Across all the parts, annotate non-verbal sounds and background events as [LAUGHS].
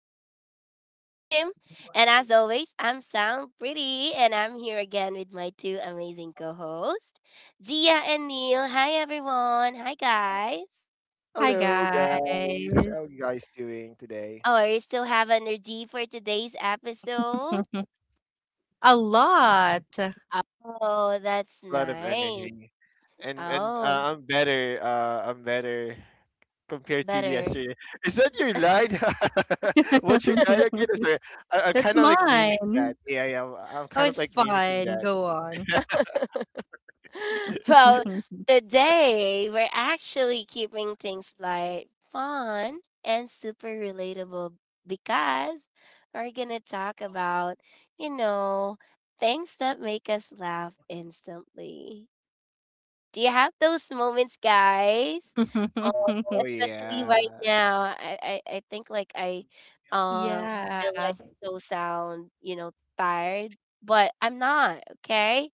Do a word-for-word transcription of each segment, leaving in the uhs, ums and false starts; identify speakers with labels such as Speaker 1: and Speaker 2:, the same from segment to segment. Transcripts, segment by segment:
Speaker 1: your host, Kim. And as always, I'm Sound Pretty, and I'm here again with my two amazing co hosts, Gia and Neil. Hi everyone. Hi guys.
Speaker 2: Hello guys, how you guys doing today?
Speaker 1: Oh, you still have energy for today's episode? Oh, that's
Speaker 2: A lot of
Speaker 1: nice.
Speaker 2: energy, and and
Speaker 1: Oh,
Speaker 2: uh, I'm better. Uh, I'm better compared to
Speaker 1: better.
Speaker 2: yesterday. Is that your line? [LAUGHS] What's your line again? Is there- I, I'm kind of like mimicking that. Yeah, yeah. I'm, I'm kind of like mimicking that.
Speaker 1: [LAUGHS]
Speaker 2: [LAUGHS]
Speaker 1: Well, today we're actually keeping things light, fun, and super relatable because we're going to talk about, you know, things that make us laugh instantly. Do you have those moments, guys? Um,
Speaker 2: Oh
Speaker 1: Especially right
Speaker 2: yeah,
Speaker 1: now, I, I, I think like I uh, feel like so sound, you know, tired, but I'm not, okay?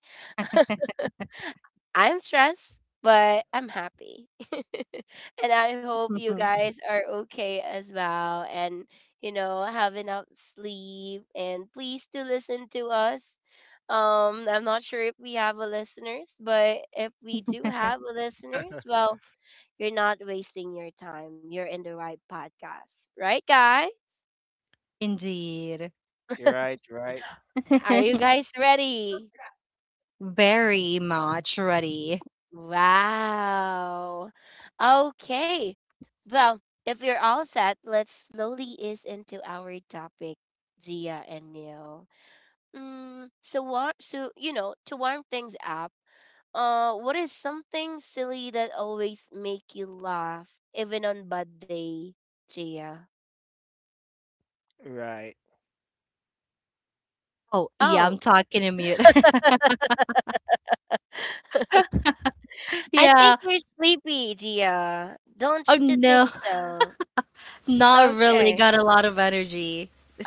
Speaker 1: I'm stressed, but I'm happy. [LAUGHS] And I hope you guys are okay as well and, you know, have enough sleep. And please do listen to us. Um, I'm not sure if we have a listeners, but if we do have a listeners, well, you're not wasting your time. You're in the right podcast, right, guy?
Speaker 2: you're right. Right.
Speaker 1: Are you guys ready? Wow. Okay. Well, if you're all set, let's slowly ease into our topic, Gia and Neil. Mm, so what? So you know, to warm things up, uh, what is something silly that always make you laugh, even on bad day, Gia?
Speaker 2: Right.
Speaker 1: Oh, I think you're sleepy, Gia. Don't you think so? Okay.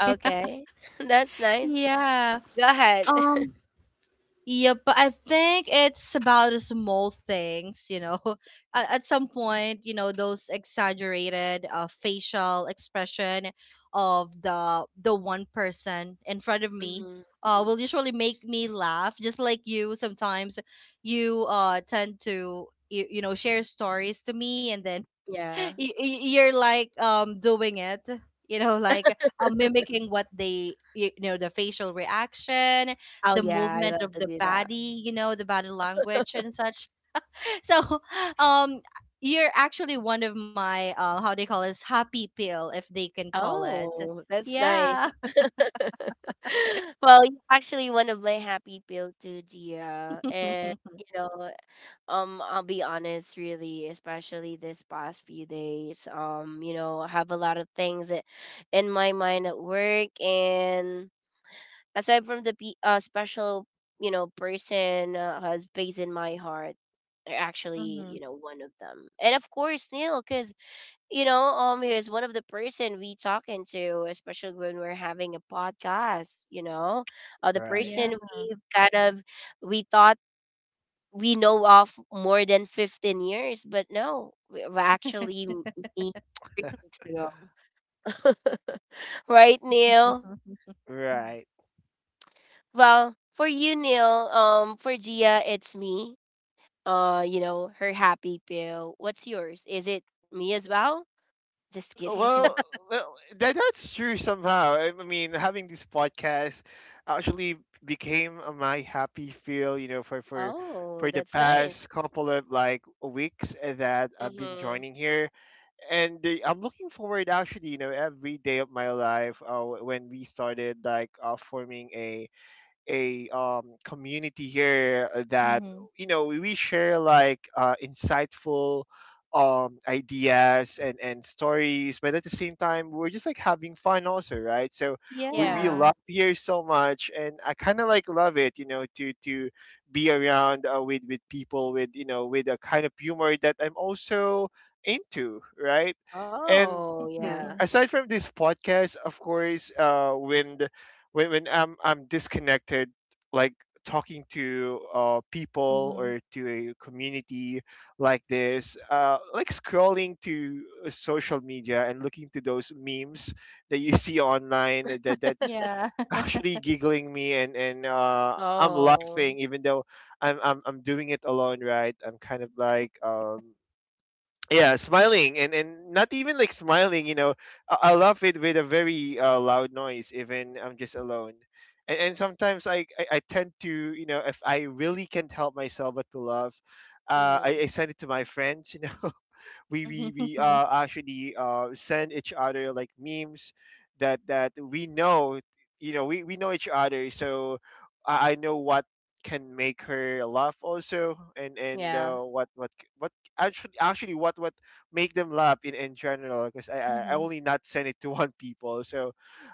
Speaker 1: Okay. [LAUGHS] That's nice. Go ahead. [LAUGHS] hmm Yeah. Oh, yeah, I love to do that. Oh, that's nice. [LAUGHS] Well, you're actually one of my happy pill too, Gia. And you know, um, I'll be honest, really, especially this past few days. Um, you know, I have a lot of things that in my mind at work, and aside from the pe- uh, special, you know, person uh, has space in my heart, are actually, you know, one of them. And of course, Neil, because you know, um, he's one of the person we talking to, especially when we're having a podcast. You know, uh, the
Speaker 2: Right.
Speaker 1: person we kind of we thought we know of more than fifteen years, but no, we we actually m- me three weeks ago, [LAUGHS] right, Neil?
Speaker 2: Right.
Speaker 1: Well, for you, Neil, um, for Gia, it's me. Uh, you know, her happy pill. What's yours? Is it me as well? Just kidding. [LAUGHS]
Speaker 2: Well, well, that that's true somehow. I I mean, having this podcast actually became a my happy feel, you know, for for
Speaker 1: Oh,
Speaker 2: for the
Speaker 1: that's nice.
Speaker 2: past couple of like weeks that I've been
Speaker 1: Mm-hmm.
Speaker 2: joining here, and uh, I'm looking forward actually, you know, every day of my life. Uh, when we started like uh, forming a a um, community here that you know we share like uh, insightful um ideas and and stories, but at the same time we're just like having fun also, right? So we, we
Speaker 1: Yeah.
Speaker 2: love here so much, and I kind of like love it, you know, to to be around, uh, with with people with you know with a kind of humor that I'm also into, right? And
Speaker 1: Oh, yeah.
Speaker 2: [CLEARS THROAT] aside from this podcast, of course, uh when when when I'm I'm disconnected, like talking to uh, people or to a community like this, uh, like scrolling to uh, social media and looking to those memes that you [LAUGHS] see online, that that's actually giggling me, and and uh, I'm
Speaker 1: Oh.
Speaker 2: laughing, even though I'm, I'm I'm doing it alone, right? I'm kind of like um yeah, smiling, and and not even like smiling, you know, i, I love it with a very uh, loud noise, even I'm just alone. And, and sometimes I, I i tend to, you know, if I really can't help myself but to laugh, uh, I,
Speaker 1: Mm-hmm.
Speaker 2: I send it to my friends, you know, we we we uh, actually uh, send each other like memes that that we know, you know, we, we know each other, so I, I know what can make her laugh also, and and
Speaker 1: Yeah.
Speaker 2: uh, what what what actually actually what what make them laugh in, in general, because I, I I only not send it [LAUGHS] to one people, so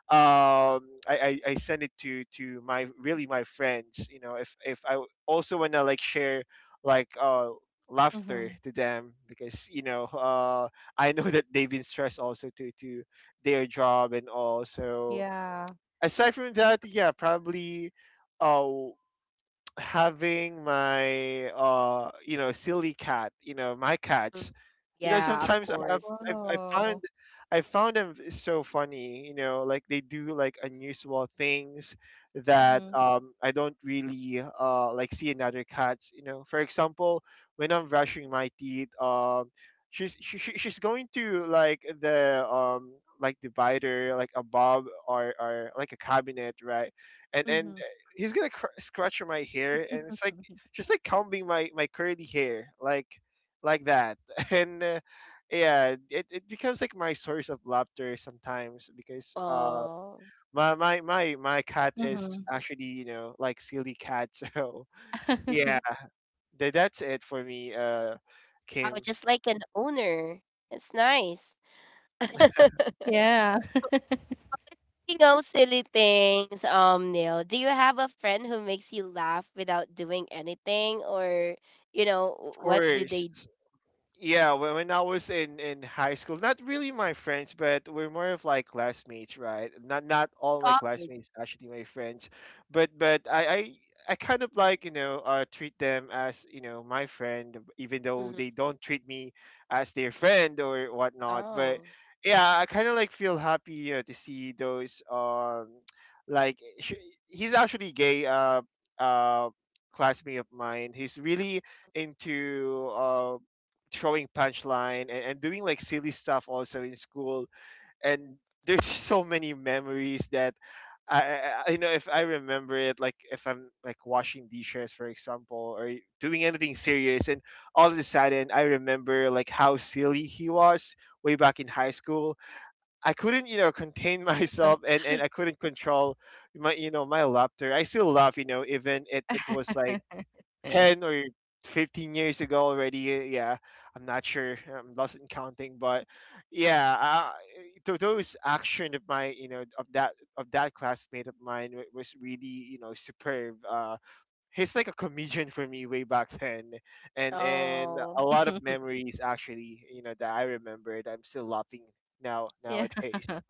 Speaker 2: um I, I I send it to to my really my friends, you know, if if I also wanna like share like uh laughter to them, because, you know, uh, I know that they've been stressed also to to their job and all. So aside from that, yeah, probably. Uh, Having my uh you know silly cat, you know, my
Speaker 1: Mm.
Speaker 2: cats, you know,
Speaker 1: Yeah, of
Speaker 2: sometimes I Yeah. have
Speaker 1: course.
Speaker 2: I've, I found I found them so funny, you know, like they do like unusual things that um, I don't really uh, like see in other cats. You know, for example, when I'm brushing my teeth, um, she's she, she- she's going to like the um like divider, like above or or like a cabinet, right? And and he's gonna cr- scratch my hair, and it's like just like combing my my curly hair like like that. [LAUGHS] and uh, yeah, it, it becomes like my source of laughter sometimes, because uh
Speaker 1: Oh.
Speaker 2: my my my my cat is actually, you know, like silly cat. [LAUGHS] So yeah, tha- that's it for me, uh
Speaker 1: I
Speaker 2: Kim. Of
Speaker 1: would just like an owner. It's nice. [LAUGHS] Speaking of silly things, um, Neil, do you have a friend who makes you laugh without doing anything, or you know, what do
Speaker 2: course.
Speaker 1: they do?
Speaker 2: Yeah, when, when I was in in high school, not really my friends, but we're more of like classmates, right? Not not all my
Speaker 1: Colleagues.
Speaker 2: classmates actually my friends, but but I I, I kind of like, you know, uh, treat them as, you know, my friend, even though
Speaker 1: Mm-hmm.
Speaker 2: they don't treat me as their friend or whatnot. But
Speaker 1: Oh,
Speaker 2: yeah, I kind of like feel happy, you know, to see those um [TSK] like sh- he's actually gay, uh uh classmate of mine. He's really into uh throwing punchline, and, and doing like silly stuff also in school, and there's [LAUGHS] so many memories that, I, I I- you know, if I remember it, like if I'm like washing dishes, for example, or doing anything serious, and all of a sudden I remember like how silly he was way back in high school. I couldn't, you know, contain [LAUGHS] myself, and and I couldn't control my, you know, my laughter. I still laugh, you know, even it it was like ten or fifteen years ago already. uh, Yeah, I'm not sure. I'm lost in counting, but yeah, uh, th- those action of my, you know, of that of that classmate of mine wa- was really, you know, superb. Uh, he's like a comedian for me way back then, and and a
Speaker 1: oh.
Speaker 2: lot of memories actually, you know, that I remembered. I'm still laughing now nowadays. [LAUGHS]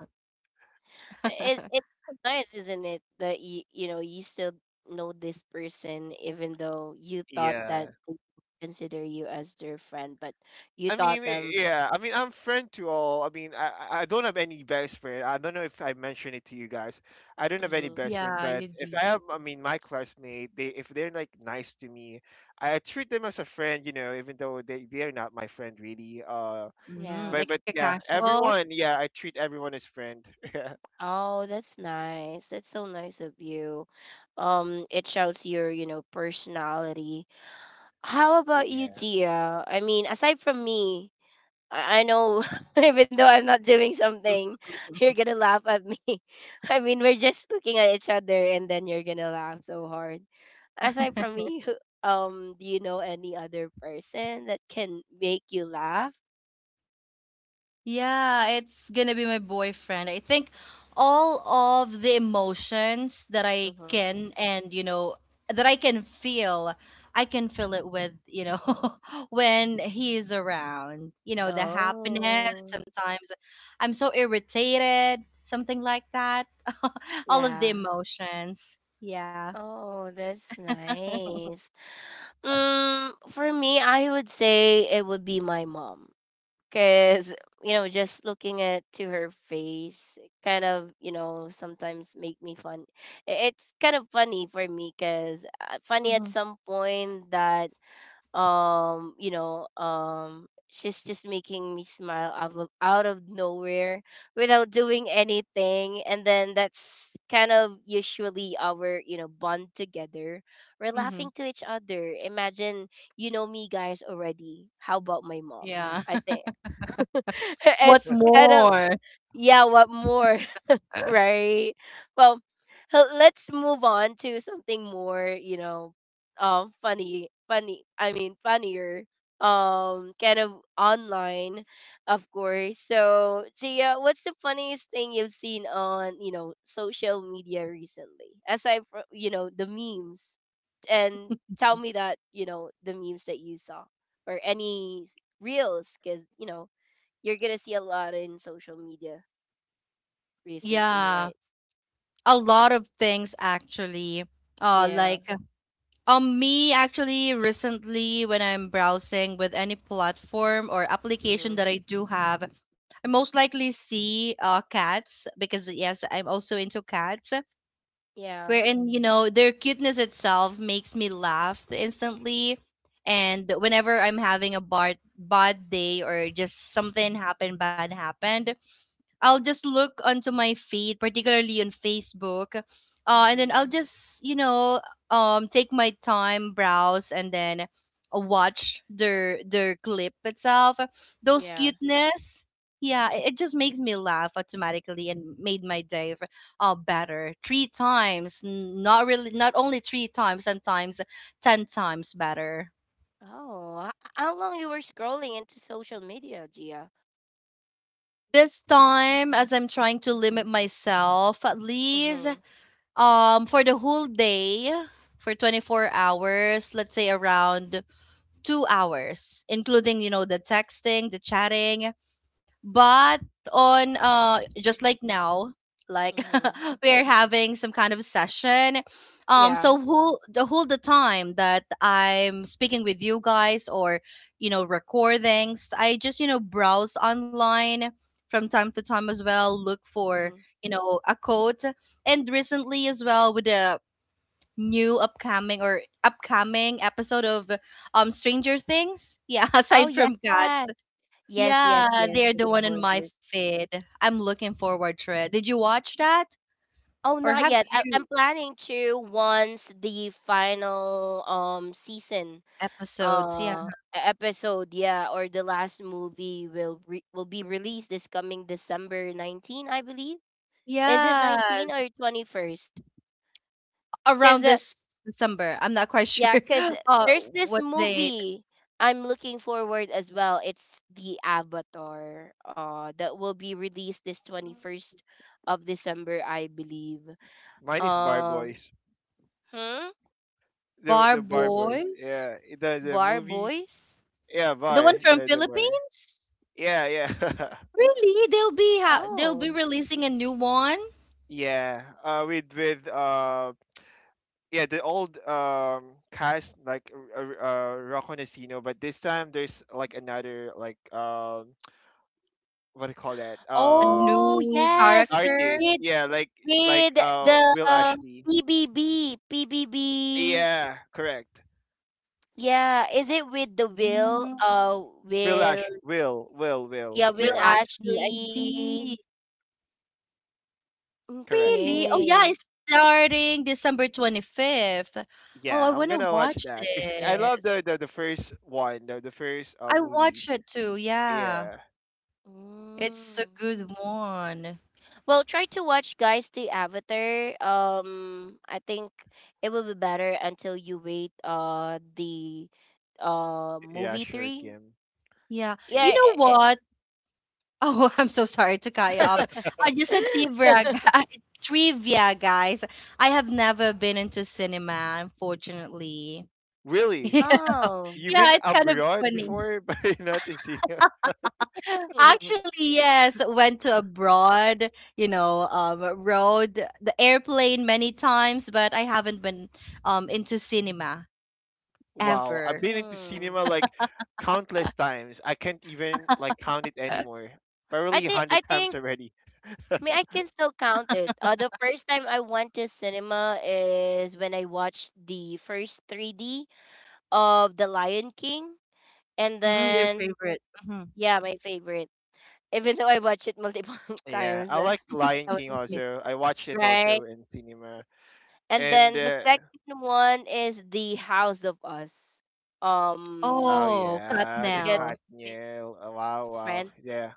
Speaker 1: It it's so nice, isn't it? That you you know you still know this person, even though you thought that
Speaker 2: Yeah.
Speaker 1: they consider you as their friend, but you
Speaker 2: I mean,
Speaker 1: thought
Speaker 2: i-
Speaker 1: them.
Speaker 2: yeah, I mean, I'm friend to all. I mean, I I I don't have any best friend. I don't know if I mentioned it to you guys. I don't have any
Speaker 1: Hmm
Speaker 2: best friend, but if I have, I mean, my classmate, they, if they're like nice to me, I treat them as a friend. You know, even though they they're not my friend really. Uh,
Speaker 1: yeah.
Speaker 2: but but yeah, everyone. Yeah, I treat everyone as friend. [LAUGHS]
Speaker 1: Oh, that's nice. That's so nice of you. Um, it shows your you know personality. How about you,
Speaker 2: Yeah.
Speaker 1: Gia? I mean, aside from me, I I know, [LAUGHS] even though I'm not doing something, you're gonna laugh at me. [LAUGHS] I mean, we're just looking at each other, and then you're gonna laugh so hard. Aside from me, who- um, do you know any other person that can make you laugh? Mm-hmm. Oh, yeah. Oh, that's nice. Mm, for me, I would say it would be my mom. Cause you know, just looking at to her face, kind of you know sometimes make me fun. I- It's kind of funny for me, cause uh, funny at some point that um you know um she's just making me smile out of, out of nowhere without doing anything and then that's kind of usually our you know bond together we're laughing to each other. Imagine you know me guys already, how about my mom. I think, [LAUGHS] it's kind of, yeah what more, right. Well, h- let's move on to something more, you know, um, funny, funny. I mean, funnier. Um, kind of online, of course. So, Gia, what's the funniest thing you've seen on, you know, social media recently? Aside from, you know, the memes, and tell me that, you know, the memes that you saw or any reels, because you know you're gonna see a lot in social media recently, right? Yeah. Mm-hmm. Yeah. Mm-hmm. Yeah. Oh, h- how long you were scrolling into social media, Gia? Mm-hmm. Mm-hmm. Yeah. Mm-hmm. Oh, yes. Yes, yes, yes, of course. Oh, not yet. I- I'm planning to once the final um season uh e- episode, yeah, or the last movie will re- will be released this coming December nineteenth, I believe. Is it nineteen or twenty-first? Because yeah, because there's this movie I'm looking forward as well. It's The Avatar. Uh, that will be released this twenty-first of December, I believe.
Speaker 2: Mine is Bar
Speaker 1: Um,
Speaker 2: Boys.
Speaker 1: hmm?
Speaker 2: The the Bar Boys. Yeah. The the
Speaker 1: Bar
Speaker 2: movie.
Speaker 1: Boys?
Speaker 2: Yeah, Bar. The the Bar. Yeah, yeah. [LAUGHS]
Speaker 1: Oh.
Speaker 2: Yeah, uh, with with uh, yeah, the old um cast like uh, uh Rocco Nestino, but this time there's like another like um [TSK] what do you call that, um
Speaker 1: Oh, yes.
Speaker 2: artist?
Speaker 1: With
Speaker 2: Yeah, like like
Speaker 1: with
Speaker 2: uh
Speaker 1: the
Speaker 2: Will
Speaker 1: uh,
Speaker 2: Ashley.
Speaker 1: P B B, P B B.
Speaker 2: Yeah, correct.
Speaker 1: Yeah, is it with the Will? Uh,
Speaker 2: Will
Speaker 1: Will.
Speaker 2: Ash, Will, Will, Will.
Speaker 1: Yeah, Will
Speaker 2: Yeah,
Speaker 1: Ashley.
Speaker 2: correct.
Speaker 1: Okay.
Speaker 2: Yeah, I'm gonna watch that because I love the, the the first one, the the first uh movie. Yeah,
Speaker 1: Mm. Well, try to watch guys the Avatar. Um, I think it will be better until you wait. Uh, the, uh,
Speaker 2: yeah,
Speaker 1: movie
Speaker 2: sure,
Speaker 1: three.
Speaker 2: Kim.
Speaker 1: Yeah.
Speaker 2: Yeah,
Speaker 1: Eh, eh. [LAUGHS]
Speaker 2: really.
Speaker 1: Oh.
Speaker 2: You've been abroad before, [LAUGHS] but not in cinema.
Speaker 1: [LAUGHS]
Speaker 2: Wow, I've been into cinema
Speaker 1: Hmm.
Speaker 2: like countless times. I can't even like count it anymore.
Speaker 1: I
Speaker 2: Probably a
Speaker 1: think
Speaker 2: hundred
Speaker 1: I
Speaker 2: times
Speaker 1: think
Speaker 2: already.
Speaker 1: me I can still count it. Uh, the first time I went to cinema is when I watched the first three D of The Lion King, and then yeah, my favorite. Even though I watched it multiple [LAUGHS]
Speaker 2: Yeah,
Speaker 1: times
Speaker 2: I
Speaker 1: uh,
Speaker 2: like
Speaker 1: when
Speaker 2: Lion
Speaker 1: I was
Speaker 2: King
Speaker 1: a kid,
Speaker 2: also. I watched it
Speaker 1: right?
Speaker 2: also in cinema.
Speaker 1: And
Speaker 2: And
Speaker 1: then the
Speaker 2: uh,
Speaker 1: second one is The House of Us.
Speaker 2: oh
Speaker 1: Um,
Speaker 2: yeah, the
Speaker 1: Together with
Speaker 2: Katniel. Oh, wow, wow,
Speaker 1: friend.
Speaker 2: yeah.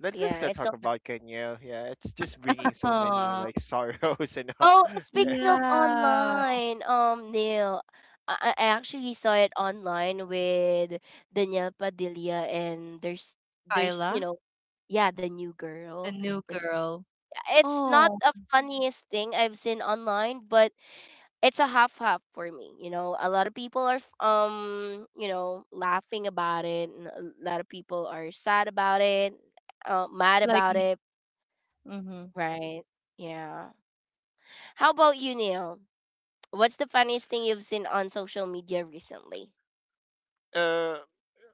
Speaker 2: Let,
Speaker 1: Yeah,
Speaker 2: us not
Speaker 1: it's so
Speaker 2: talk
Speaker 1: nice.
Speaker 2: about Katniel. Yeah, it's just bringing so many like [LAUGHS] sorrows and all.
Speaker 1: Oh, and speaking of online, um, Neil, I, I I actually saw it online with Danielle Padilla, and there's there's you know, yeah, the new girl because it's not the funniest thing I've seen online, but it's a half half for me. You know, a lot of people are f- um, you know, laughing about it, and a lot of people are sad about it, uh, mad about it, right? Yeah. How about you, Neil? What's the funniest thing you've seen on social media recently?
Speaker 2: [LAUGHS] uh,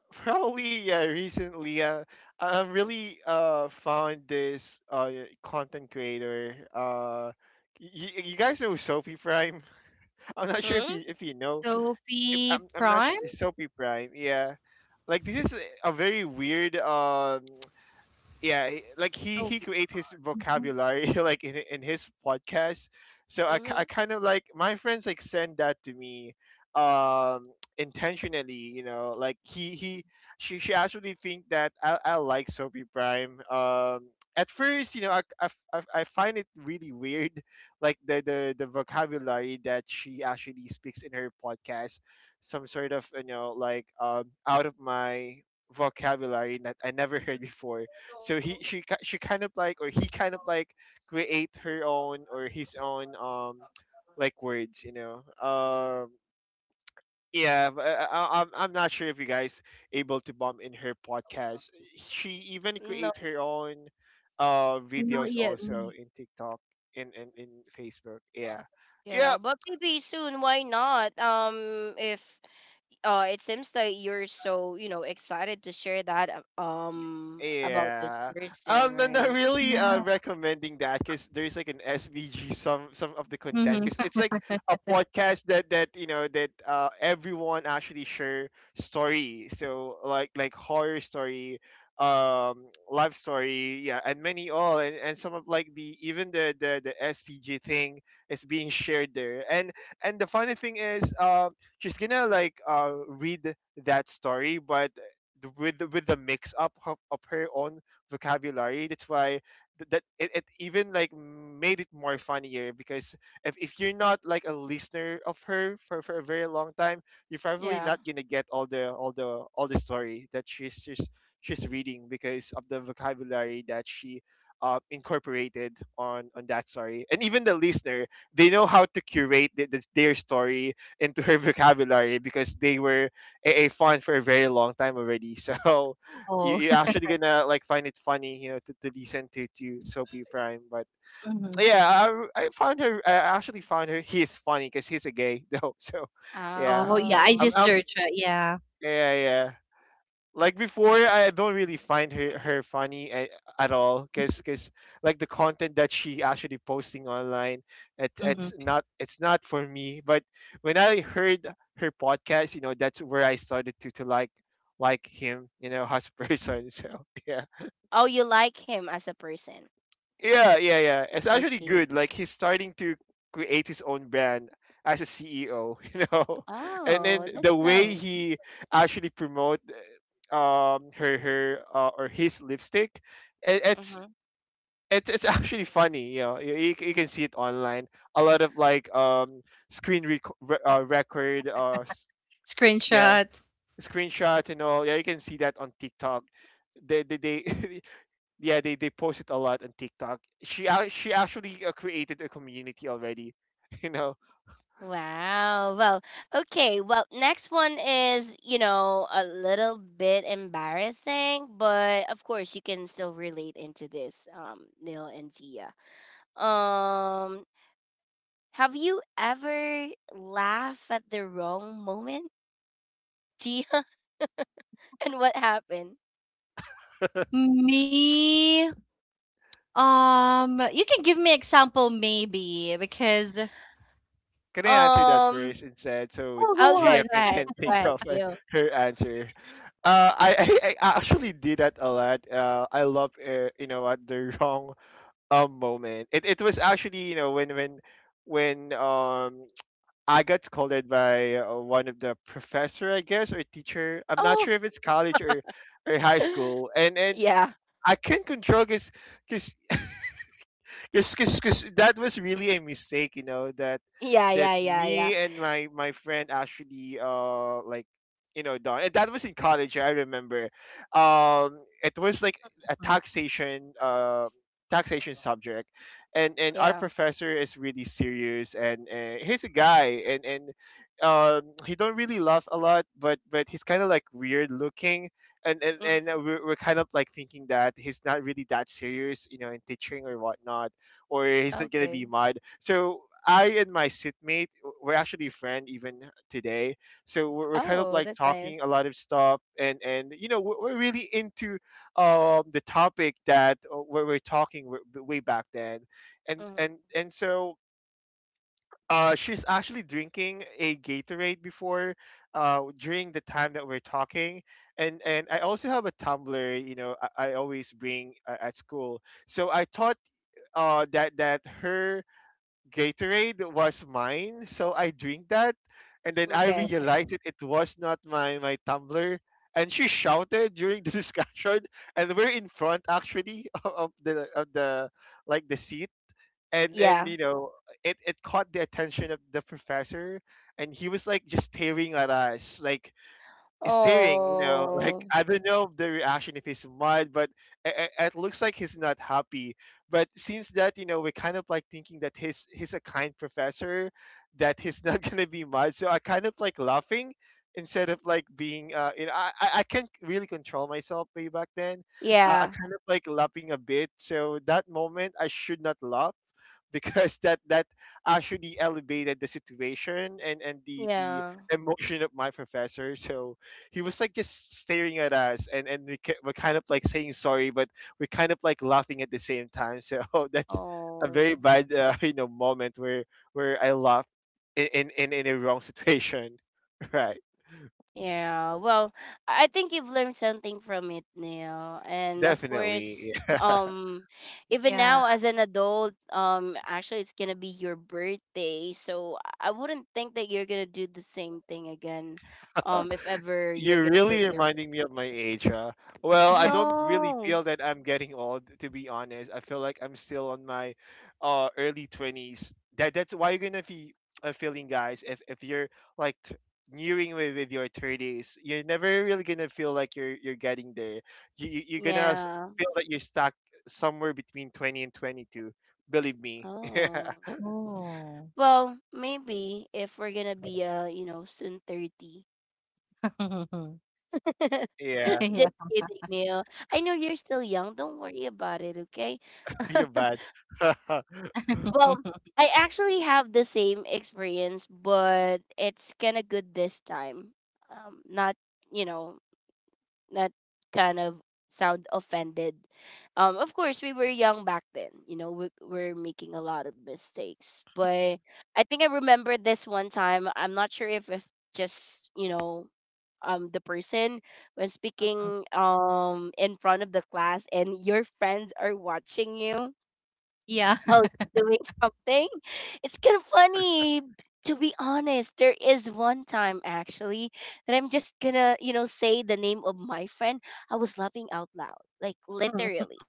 Speaker 2: [LAUGHS] Probably. Yeah, recently, uh, I- I've really uh found this uh content creator. Uh, you, you guys know Sophie Prime. [LAUGHS] I'm not sure if
Speaker 1: Hmm?
Speaker 2: you if you know. If, I'm I'm not sure. Soapy Prime. Yeah, like this is a a very weird, um yeah, he- like he he create his vocabulary [LAUGHS] like in, in his podcast, so I, ki-
Speaker 1: Mm-hmm.
Speaker 2: I kind of like, my friends like send that to me, um [TSK] intentionally, you know, like he he she, she actually think that i, I like Soapy Prime. Um at first, you know, I I I I find it really weird [LAUGHS] like the, the the vocabulary that she actually speaks in her podcast, some sort of, you know, like um out of my vocabulary that I never heard before. So he she ki- she kind of like, or he kind of like, create her own or his own, um like words, you know. Um yeah, but I, I, i'm I'm not sure if you guys able to bump in her podcast. She even
Speaker 1: No.
Speaker 2: create her own uh videos also in TikTok and in, in, in Facebook. Yeah,
Speaker 1: Yeah,
Speaker 2: yeah.
Speaker 1: but maybe soon. Why not? Um, if uh it seems that you're so you know excited to share that uh, um about this
Speaker 2: Yeah.
Speaker 1: person,
Speaker 2: Um, I'm not
Speaker 1: right.
Speaker 2: really uh, recommending that because there's like an S V G, some some of the content, because it's like a podcast that that you know that uh everyone actually share story. So like like horror story, um, life story, yeah, and many all, and, and some of like the even the the the S V G thing is being shared there. And and the funny thing is, uh, she's gonna like uh read that story, but the, with the, with the mix up of, of her own vocabulary. That's why, th- that it, it even like made it more funnier, because if, if you're not like a listener of her for, for a very long time, you're probably
Speaker 1: Yeah.
Speaker 2: not gonna get all the all the all the story that she's she's she's reading because of the vocabulary that she uh, incorporated on on that story. And even the listener, they know how to curate the, the, their story into her [LAUGHS] vocabulary because they were a, a fun for a very long time already. [LAUGHS] So you, you're actually gonna like find it funny, you know, to, to listen to to Soapy Prime. But yeah, I, I found her. I actually found her. He's funny because he's a gay, though. [LAUGHS] So yeah, um
Speaker 1: Oh.
Speaker 2: am yeah, yeah, like before, I don't really find her, her funny at, at all, because because like the content that she actually posting online, it, it's not it's not for me. But when I heard her podcast, you know, that's where I started to to like like him, you know, [LAUGHS] as a person. [LAUGHS] So yeah.
Speaker 1: Oh, you like him as a person.
Speaker 2: Yeah, yeah, yeah. It's actually
Speaker 1: Okay.
Speaker 2: good. Like he's starting to create his own brand as a C E O, [LAUGHS] you know. And then
Speaker 1: Oh, that's
Speaker 2: the way
Speaker 1: nice.
Speaker 2: he actually promote uh, um her her uh, or his lipstick, it, it's
Speaker 1: Mm-hmm.
Speaker 2: it, it's actually funny, you know. You, you c- you can see it online. A lot of like um screen rec- re- uh, record uh s- yeah, screenshots and all. Yeah, you can see that on TikTok. They they, they [LAUGHS] yeah, they they post it a lot on TikTok. She ac- she actually uh, created a community already. [LAUGHS] You know,
Speaker 1: Wow. Well, okay, well next one is you know a little bit embarrassing but of course you can still relate into this, um Neil and Tia. um Have you ever laughed at the wrong moment, Gia? [LAUGHS] And what happened?
Speaker 2: can I answer that
Speaker 1: Um,
Speaker 2: first instead so
Speaker 1: I'll go.
Speaker 2: Gia
Speaker 1: Go
Speaker 2: can,
Speaker 1: ahead.
Speaker 2: can
Speaker 1: Go
Speaker 2: think
Speaker 1: ahead,
Speaker 2: of uh,
Speaker 1: Neil.
Speaker 2: her answer? Uh, I, I I actually did that a lot. Uh, I love uh, you know at the [LAUGHS] wrong um moment. It it was actually you know when when when um [TSK] I got scolded by uh, one of the professor I guess or teacher. I'm not
Speaker 1: Oh,
Speaker 2: sure if it's college or or high
Speaker 1: [GASPS] [LAUGHS]
Speaker 2: school and and
Speaker 1: yeah,
Speaker 2: I can not control because because because cause that was really a mistake you know that
Speaker 1: yeah,
Speaker 2: that
Speaker 1: yeah, yeah, yeah,
Speaker 2: me and my my friend actually uh like you know done, and that was in college I remember. Um it was like a taxation uh taxation subject, and and our
Speaker 1: yeah.
Speaker 2: professor is really serious, and, and he's a guy, and and um he don't really laugh a lot but but he's kind of like weird looking and and, and
Speaker 1: Mm,
Speaker 2: uh, we're, we're kind of like thinking that he's not really that serious you know in teaching or whatnot, or he's not gonna be
Speaker 1: okay.
Speaker 2: mad. So I and my sitmate w- we're actually friend even today. So we're, we're kind of
Speaker 1: Oh,
Speaker 2: like
Speaker 1: that's
Speaker 2: talking
Speaker 1: nice.
Speaker 2: a lot of stuff, and and you know we're, we're really into um the topic that uh, we we're talking w- way back then, and
Speaker 1: Mm,
Speaker 2: and and so. Uh, she's actually drinking a Gatorade before, uh, during the time that we're talking, and
Speaker 1: mm,
Speaker 2: and I also have a tumbler. You know, I, I always bring uh, at school. So I thought uh, that that her Gatorade was mine, so I drink that, and then I
Speaker 1: okay.
Speaker 2: realized it. It was not my my tumbler, and she shouted during the [LAUGHS] discussion, and we're in front actually [LAUGHS] of the of the like the seat, and and
Speaker 1: Yeah.
Speaker 2: you know it it caught the attention of the professor, and he was like just staring at us like staring, you know, [LAUGHS] like
Speaker 1: Oh,
Speaker 2: I don't know the reaction if he's mad, but it, it looks like he's not happy. But since that, you know, we're kind of like thinking that he's he's a kind professor, that he's not [LAUGHS] gonna be mad. So I kind of like laughing instead of like being, uh, you know, I I I can't really control myself way back then. Uh, I
Speaker 1: yeah,
Speaker 2: kind of like laughing a bit. So that moment, I should not laugh [LAUGHS] because that that actually elevated the situation and and the the
Speaker 1: yeah.
Speaker 2: emotion of my professor. So he was like just staring at us, and and we ki- were kind of like saying sorry, but we're kind of like laughing at the same time, so [LAUGHS] that's a very
Speaker 1: Oh.
Speaker 2: bad uh, [LAUGHS] you know moment where where I laughed in in in in a wrong situation. [LAUGHS] Right,
Speaker 1: Yeah, well, I think you've learned something from it, Neil. And of
Speaker 2: definitely,
Speaker 1: course,
Speaker 2: yeah.
Speaker 1: um, even now as an adult, um, actually, it's gonna be your birthday, so I I wouldn't think that you're gonna do the same thing again.
Speaker 2: [LAUGHS]
Speaker 1: Um, if ever you're
Speaker 2: You're
Speaker 1: gonna
Speaker 2: really
Speaker 1: put your
Speaker 2: reminding me of my age, huh? Well, I don't really feel
Speaker 1: no,
Speaker 2: that I'm getting old, to be honest. I feel like I'm still on my uh, early twenties. That that's why you're gonna be uh, feeling, guys. If if you're like t- nearing with, with your thirties, you're never really gonna feel like you're you're getting there. You, you you're gonna s-
Speaker 1: yeah,
Speaker 2: feel that you're stuck somewhere between twenty and twenty-two. Believe me.
Speaker 1: oh,
Speaker 2: [LAUGHS]
Speaker 1: well, maybe if we're gonna be uh, you know, soon thirty. [LAUGHS]
Speaker 2: Yeah,
Speaker 1: Just kidding, Neil. I know you're still young. Don't worry about it, okay?
Speaker 2: you're
Speaker 1: [LAUGHS]
Speaker 2: bad. [LAUGHS]
Speaker 1: Well, I actually have the same experience, but it's kind of good this time. Um, not, you know, not kind of sound offended. Um, of course, we were young back then. You know, we we're making a lot of mistakes. But I think I remember this one time. I'm not sure if, if just, you know, um the person when speaking um in front of the class and your friends are watching you while doing something, it's kind of funny. To be honest, there is one time actually that I'm just gonna you know say the name of my friend. I was laughing out loud like literally,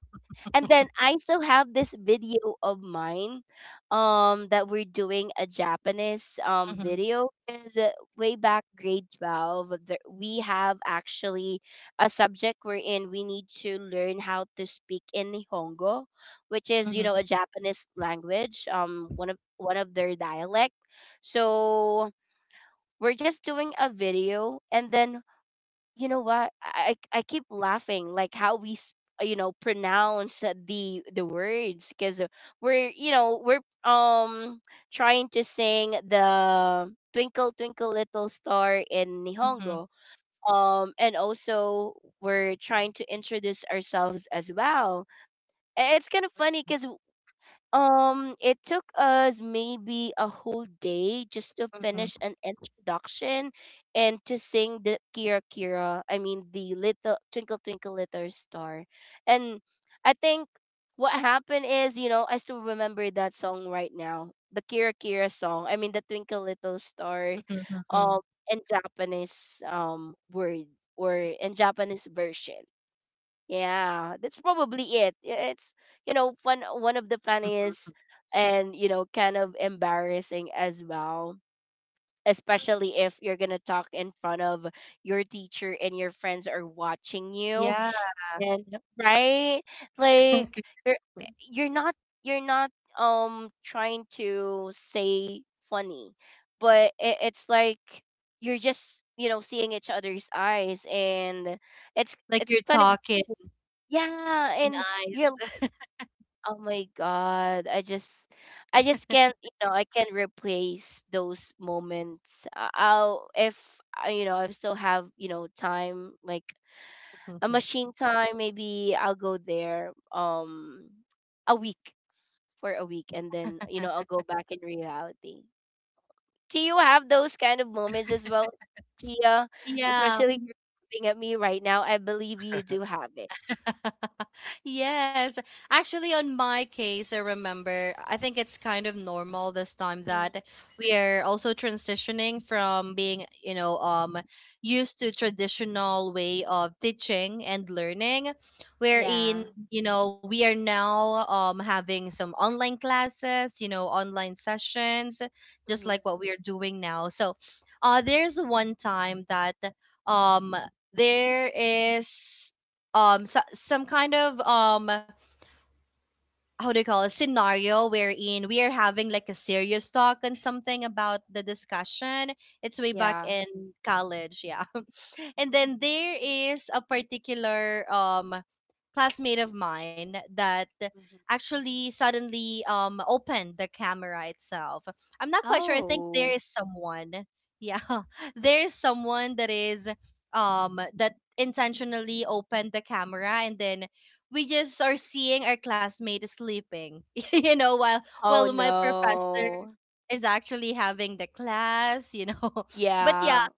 Speaker 1: and then I still have this video of mine, um that we're doing a Japanese um video because uh, way back grade twelve there, we have actually a subject wherein we need to learn how to speak in Nihongo, which is you know a Japanese language, um one of one of their dialect. So we're just doing a video and then you know what, I I I keep laughing like how we s- you know pronounce uh, the the words because we're you know we're um trying to sing the twinkle twinkle little star in Nihongo, um and also we're trying to introduce ourselves as well. A- it's kind of funny because, um, it took us maybe a whole day just to finish an introduction and to sing the Kira Kira. I mean, the little Twinkle Twinkle Little Star. And I think what happened is, you know, I still remember that song right now. The Kira Kira song. I mean, the Twinkle Little Star, um, in Japanese um word or in Japanese version. Yeah, that's probably it. I- It's you know fun one of the funniest and you know kind of embarrassing as well, especially if you're gonna talk in front of your teacher and your friends are watching you. And right, like, you're you're not you're not um trying to say funny, but it, it's like you're just you know seeing each other's eyes and it's it's kind of. Yeah, and you're oh my god, I just I just can't, you know, I can't replace those moments. I- I'll if I- you know, I still have, you know, time, like a machine time. Maybe I'll go there um a week for a week, and then, you know, I'll go back in reality. Do you have those kind of moments as well, Tia? Especially you're looking at me right now. I believe you do have it. Mhm. Yeah. Hmm. Yeah. Mhm. Oh. Oh no. Yeah.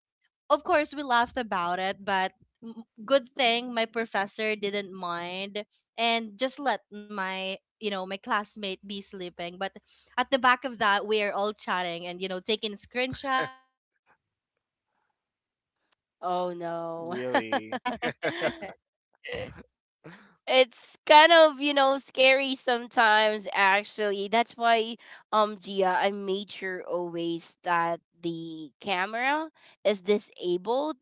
Speaker 1: Oh no.
Speaker 2: Really.
Speaker 1: [LAUGHS] It's kind of, you know, scary sometimes actually. That's why, um Gia, I made sure always that the camera is disabled,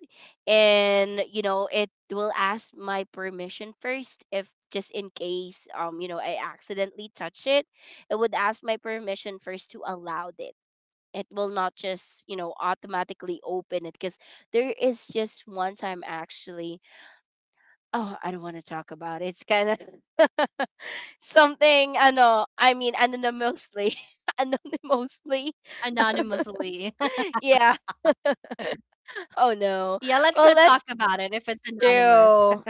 Speaker 1: and you know it will ask my permission first, if just in case, um you know I accidentally touch it. It would ask my permission first to allow it. It will not just you know automatically open it, because there is just one time actually. Oh, I don't want to talk about it. It's kind of [LAUGHS] something I know. I mean, anonymously. [LAUGHS] Anonymously. [LAUGHS] Yeah. Oh no. Well, let's do.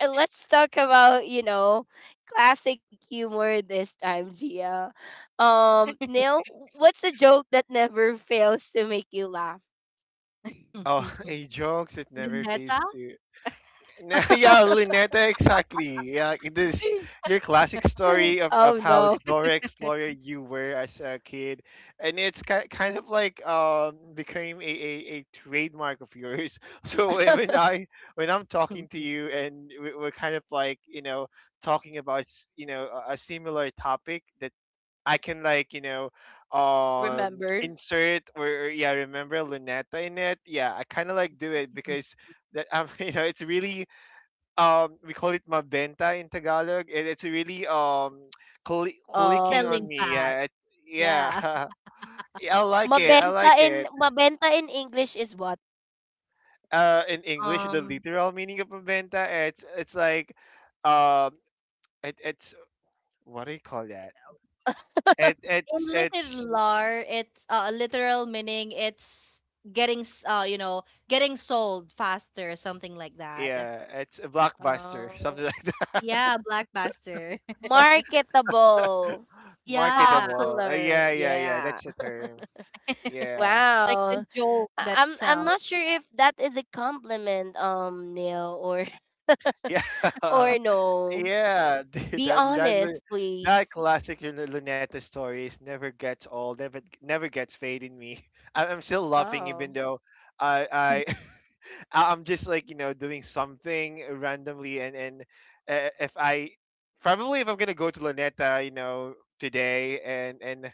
Speaker 1: [LAUGHS] Let's talk about, you know classic humor this time, Gia. Um neil, what's a joke that never fails to make you laugh?
Speaker 2: Oh, [LAUGHS] a jokes it never fades to [LAUGHS] yeah, Luneta, exactly. Yeah, it is your classic
Speaker 1: [LAUGHS]
Speaker 2: story of, of
Speaker 1: Oh
Speaker 2: how
Speaker 1: no.
Speaker 2: Dora Explorer you were as a kid, and it's ki- kind of like um became a, a, a trademark of yours. [LAUGHS] So when when I when I'm talking to you and we- we're kind of like you know talking about s- you know a a similar topic that I can like you know um
Speaker 1: Remember.
Speaker 2: insert or, or yeah remember Luneta in it. Yeah, I kind of like do it because that um, [LAUGHS] you know it's really um we call it mabenta in Tagalog, and it's really um cli clicking
Speaker 1: Um,
Speaker 2: on me. Yeah, it, yeah. [LAUGHS] I like it. I
Speaker 1: mabenta
Speaker 2: like
Speaker 1: in
Speaker 2: it.
Speaker 1: mabenta in English is what?
Speaker 2: Uh, in English, the literal meaning of mabenta, it's it's like, um, it, it's what do you call that? It it's it's yeah, it's a blockbuster, [LAUGHS] something
Speaker 1: Oh,
Speaker 2: like that. [LAUGHS]
Speaker 1: marketable,
Speaker 2: Marketable. Uh,
Speaker 1: popular.
Speaker 2: yeah, yeah, yeah.
Speaker 1: Yeah.
Speaker 2: That's the term. Yeah,
Speaker 1: Wow. I- I'm I'm not sure if that is a compliment, um, Neil, or [LAUGHS]
Speaker 2: [LAUGHS] yeah.
Speaker 1: or no.
Speaker 2: Yeah, [LAUGHS]
Speaker 1: Be
Speaker 2: that that
Speaker 1: honest,
Speaker 2: lu-
Speaker 1: please.
Speaker 2: that classic Lun- Luneta story is never gets old, never never gets fade in me. [LAUGHS] I, I'm still laughing even
Speaker 1: Oh.
Speaker 2: though I I [LAUGHS] I- I'm just like you know doing something randomly and and uh, if I probably if I'm gonna go to Luneta you know today and and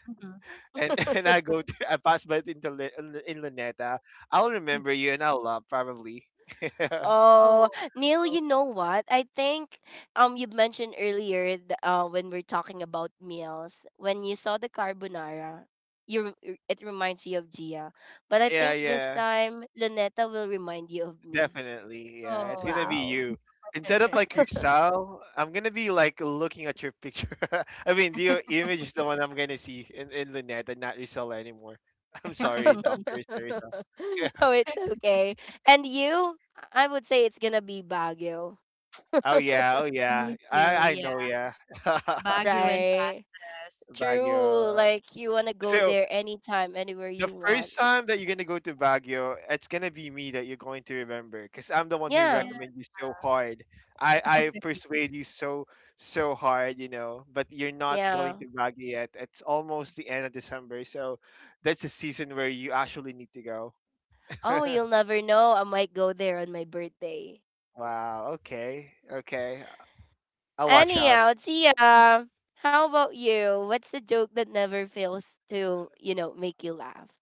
Speaker 2: and [LAUGHS] and I go to, I pass by into Lu- in Luneta, I'll remember you and I'll love probably. [LAUGHS]
Speaker 1: Oh, Neil, you know what? I think um you mentioned earlier, th- uh when we're talking about meals, when you saw the carbonara, you re- it reminds you of Gia. But I
Speaker 2: Yeah,
Speaker 1: think this
Speaker 2: yeah.
Speaker 1: time Luneta will remind you of me.
Speaker 2: Definitely, yeah. It's gonna be
Speaker 1: Wow.
Speaker 2: you. Instead of like Rizal, I'm gonna be like looking at your picture. [LAUGHS] I mean, your image is the one I'm gonna see in in Luneta, not Rizal anymore. [LAUGHS] I'm sorry,
Speaker 1: [LAUGHS]
Speaker 2: Doctor Rizal. [LAUGHS]
Speaker 1: Oh, it's okay. And you, I would say it's gonna be Baguio,
Speaker 2: Oh yeah, oh yeah. I I know, yeah. [LAUGHS]
Speaker 1: right? True.
Speaker 2: Baguio.
Speaker 1: Like you wanna go
Speaker 2: So
Speaker 1: there anytime, anywhere
Speaker 2: the
Speaker 1: you want.
Speaker 2: first time that you're gonna go to Baguio, it's gonna be me that you're going to remember, because I'm the one who
Speaker 1: Yeah,
Speaker 2: recommend you so hard. I I persuade you so so hard, you know. But you're not going
Speaker 1: yeah.
Speaker 2: to Baguio yet. It's almost the end of December, so that's the season where you actually need to go.
Speaker 1: Oh,
Speaker 2: [LAUGHS]
Speaker 1: you'll never know. I might go there on my birthday.
Speaker 2: Wow. Okay. Okay. I'll watch out.
Speaker 1: Anyhow, Tia, how about you? What's the joke that never fails to, you know, make you laugh?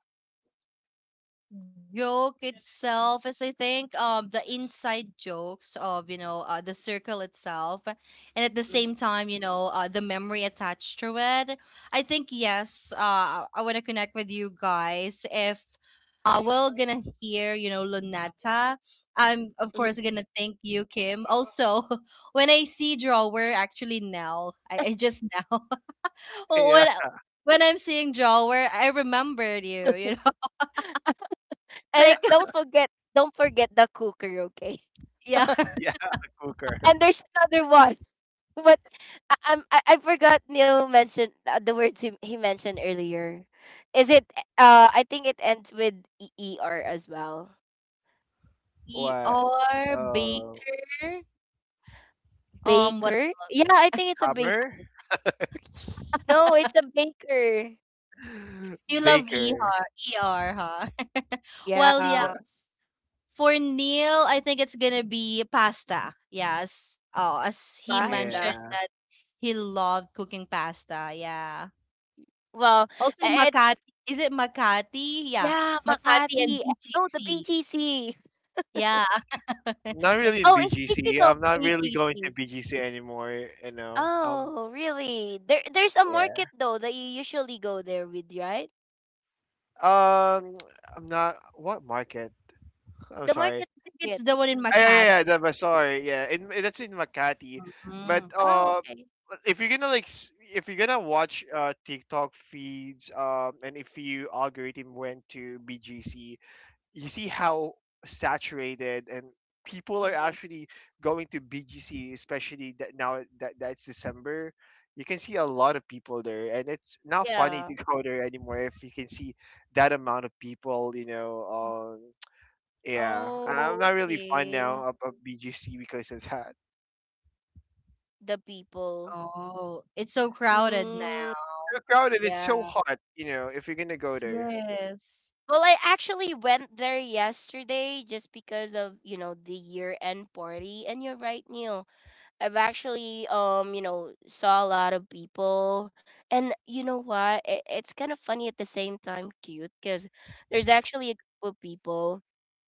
Speaker 1: Mhm. Mhm.
Speaker 2: [LAUGHS] Yeah.
Speaker 1: And don't forget, don't forget the cooker, okay?
Speaker 2: Yeah. [LAUGHS] Cooker.
Speaker 1: [LAUGHS] And there's another one, [LAUGHS] but I, I'm I, I forgot Neil mentioned uh, the words he, he mentioned earlier. Is it? Uh, I think it ends with e e r as well.
Speaker 2: What? Oh,
Speaker 1: Baker? Yeah, I think it's a bake.
Speaker 2: Hammer.
Speaker 1: No, it's a baker.
Speaker 2: [LAUGHS] Baker.
Speaker 1: Yeah. Pasa.
Speaker 2: Yeah.
Speaker 1: Well, it's, yeah, Makati. No, the B G C.
Speaker 2: Not really in
Speaker 1: Oh, and speaking
Speaker 2: B G C.
Speaker 1: of
Speaker 2: I'm not really going to
Speaker 1: B G C.
Speaker 2: B G C anymore. You know, I'm
Speaker 1: Oh, really? There there's a
Speaker 2: yeah.
Speaker 1: market though that you usually go there with, right?
Speaker 2: Um, I'm not what market. I'm
Speaker 1: The
Speaker 2: sorry.
Speaker 1: market market.
Speaker 2: Ah, yeah, yeah, yeah, the bazaar. Yeah, in in- that's in Makati. But
Speaker 1: Oh,
Speaker 2: uh,
Speaker 1: okay.
Speaker 2: if you're gonna like, s- if you're gonna watch uh TikTok feeds, um, and if you algorithm went to B G C, you see how saturated and people are actually going to B G C, especially that now that that's December. You can see a lot of people there, and it's not funny
Speaker 1: Yeah.
Speaker 2: to go there anymore if you can see that amount of people. You know, um, yeah, I'm
Speaker 1: Oh,
Speaker 2: not really fun
Speaker 1: okay.
Speaker 2: now of, of B G C because of that.
Speaker 1: The people. Mm,
Speaker 2: It's crowded. It's so
Speaker 1: yeah.
Speaker 2: hot. You know, if you're gonna go there,
Speaker 1: Well, I actually went there yesterday just because of, you know, the year-end party. And you're right, Neil. I've actually um you know saw a lot of people, and you know what, it, it's kind of funny at the same time cute, because there's actually a group of people,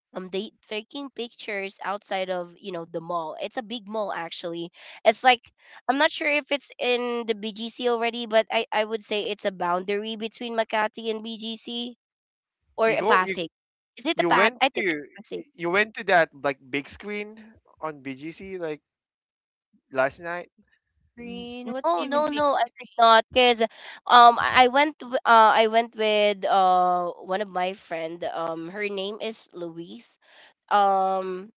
Speaker 1: um they taking pictures outside of, you know the mall. It's a big mall actually. It's like, I'm not sure if it's in the B G C already, but I I would say it's a boundary between Makati and B G C, or
Speaker 2: you
Speaker 1: a
Speaker 2: go. You,
Speaker 1: Pasig. Is it a
Speaker 2: you
Speaker 1: pas?
Speaker 2: went
Speaker 1: I
Speaker 2: to
Speaker 1: think it's Pasig.
Speaker 2: you went to that like big screen on B G C like last night.
Speaker 1: N- No, no, no, I did not. Cause, um, I I went w- uh, I went with uh one of my friend. Um, her name is Louise. Um,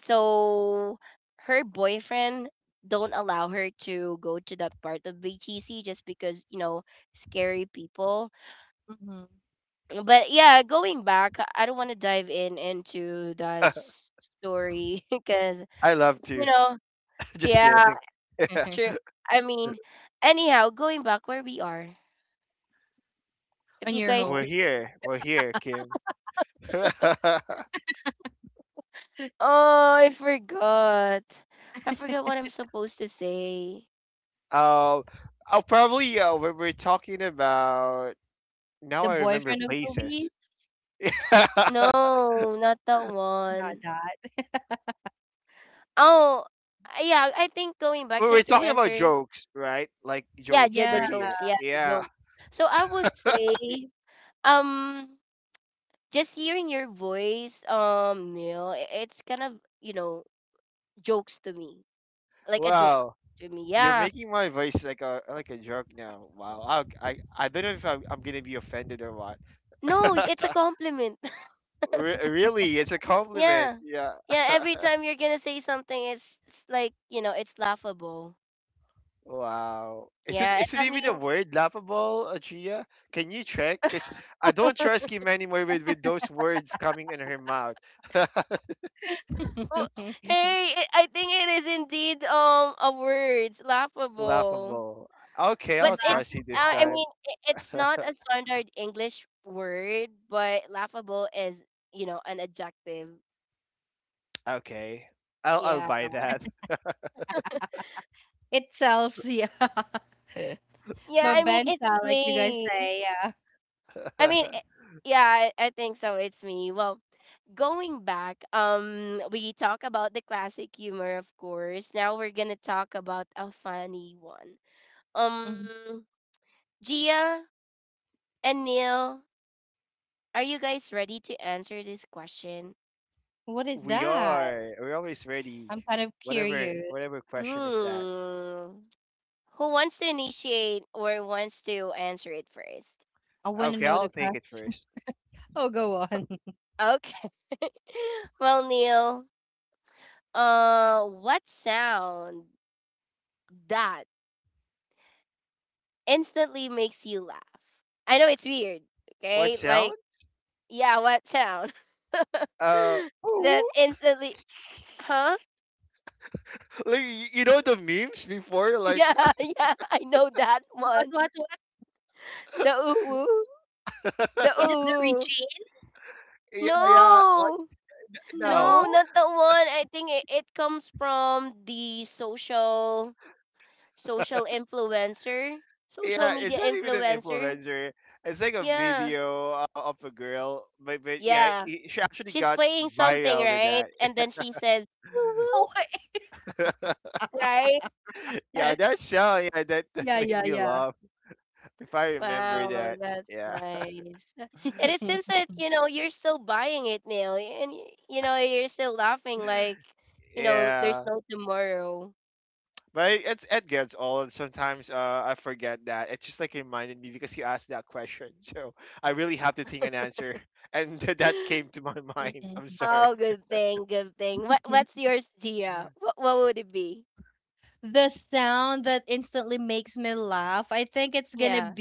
Speaker 1: so her boyfriend don't allow her to go to that part of B T C just because, you know scary people. But yeah, going back, I I don't want to dive in into that s- story [LAUGHS] because,
Speaker 2: I love
Speaker 1: you
Speaker 2: to.
Speaker 1: know,
Speaker 2: [LAUGHS] Just
Speaker 1: yeah,
Speaker 2: kidding.
Speaker 1: true. I mean, anyhow, going back where we are. If you
Speaker 2: [LAUGHS]
Speaker 1: guys
Speaker 2: We're
Speaker 1: are
Speaker 2: here. We're here, Kim. [LAUGHS] um,
Speaker 1: Oh, I forgot. I forgot what I'm supposed to say.
Speaker 2: I'll probably uh, when we're talking about now, I remember places. [LAUGHS] We
Speaker 1: No, not that one. Oh, uh, yeah, I think going back
Speaker 2: were
Speaker 1: just to
Speaker 2: talking about
Speaker 1: answer.
Speaker 2: jokes, right? Like
Speaker 1: Yeah,
Speaker 2: jokes
Speaker 1: ju- the
Speaker 2: earlier.
Speaker 1: jokes. Yeah, the
Speaker 2: Yeah.
Speaker 1: jokes. So I would
Speaker 2: [LAUGHS]
Speaker 1: say, um, just hearing your voice, um, Neil, i- it's kind of, you know jokes to me, like a joke
Speaker 2: Wow.
Speaker 1: to me.
Speaker 2: You're
Speaker 1: Yeah.
Speaker 2: making my voice like a like a joke now. Wow. I I, I don't know if I'm, I'm gonna be offended or what.
Speaker 1: No, it's a compliment.
Speaker 2: [LAUGHS] Re- really, it's a compliment.
Speaker 1: Yeah.
Speaker 2: Yeah.
Speaker 1: Yeah,
Speaker 2: [LAUGHS]
Speaker 1: every time you're gonna say something, it's s- like, you know, it's laughable.
Speaker 2: Wow. Is it
Speaker 1: Yeah, and
Speaker 2: is it
Speaker 1: that
Speaker 2: even a
Speaker 1: means,
Speaker 2: word, laughable, Adria? Can you check? Because I don't trust him anymore with, with those words coming in her mouth. [LAUGHS]
Speaker 1: oh, hey, it, I think it is indeed um a word, laughable.
Speaker 2: Laughable. Okay,
Speaker 1: But
Speaker 2: I'll
Speaker 1: it's,
Speaker 2: trust you this
Speaker 1: uh, I mean,
Speaker 2: time. [LAUGHS]
Speaker 1: i- it's not a standard English word, but laughable is, you know, an adjective.
Speaker 2: Okay. I'll I'll
Speaker 1: Yeah.
Speaker 2: buy that.
Speaker 1: Yeah, I mean, it's me. I mean, I
Speaker 2: [LAUGHS]
Speaker 1: yeah, I, I think so. It's me. Well, going back, um, we talk about the classic humor, of course. Now we're gonna talk about a funny one. Um, Gia and Neil, are you guys ready to answer this question?
Speaker 2: We are. We're always ready. Whatever whatever
Speaker 1: Hmm.
Speaker 2: question is that.
Speaker 1: Who wants to initiate or wants to answer it first?
Speaker 2: Okay, I'll take it first.
Speaker 1: Okay. [LAUGHS] Well, Neil, uh, what sound that instantly makes you laugh? I know it's weird,
Speaker 2: What
Speaker 1: okay?
Speaker 2: sound?
Speaker 1: Like, yeah, what sound?
Speaker 2: Uh,
Speaker 1: [LAUGHS] That instantly, huh?
Speaker 2: [LAUGHS] like y- you know the memes before like
Speaker 1: Yeah, [LAUGHS] yeah, I know that one. The uwu, the uwu.
Speaker 2: [LAUGHS] yeah yeah what?
Speaker 1: No,
Speaker 2: No,
Speaker 1: no, not the one. I think it, it comes from the social social influencer, social
Speaker 2: yeah, it's
Speaker 1: media
Speaker 2: not even an
Speaker 1: influencer.
Speaker 2: influencer. It's like a
Speaker 1: Yeah,
Speaker 2: video uh, of a girl, but, but yeah, i-
Speaker 1: yeah.
Speaker 2: she actually
Speaker 1: She's
Speaker 2: got
Speaker 1: playing something,
Speaker 2: viral with
Speaker 1: right?
Speaker 2: that.
Speaker 1: And then she says, woo woo,
Speaker 2: [LAUGHS]
Speaker 1: right?
Speaker 2: Yeah, that show, yeah, that, [LAUGHS] that make me laugh if I
Speaker 1: Wow,
Speaker 2: remember that.
Speaker 1: that's
Speaker 2: Yeah,
Speaker 1: nice. Uh, And it seems that, you know, you're still buying it now, and y- you know, you're still laughing like,
Speaker 2: [LAUGHS]
Speaker 1: you know, there's
Speaker 2: yeah,
Speaker 1: no tomorrow. [GASPS]
Speaker 2: but it, it, it gets old. Sometimes uh, I forget that. It just like reminded me because you asked that question, [LAUGHS] so I really have to think an answer, [LAUGHS] and th- that came to
Speaker 1: [LAUGHS]
Speaker 2: my [LAUGHS] mind. I'm sorry.
Speaker 1: Oh, good thing, good thing. What what's yours, Gia? What what would it be? Yeah.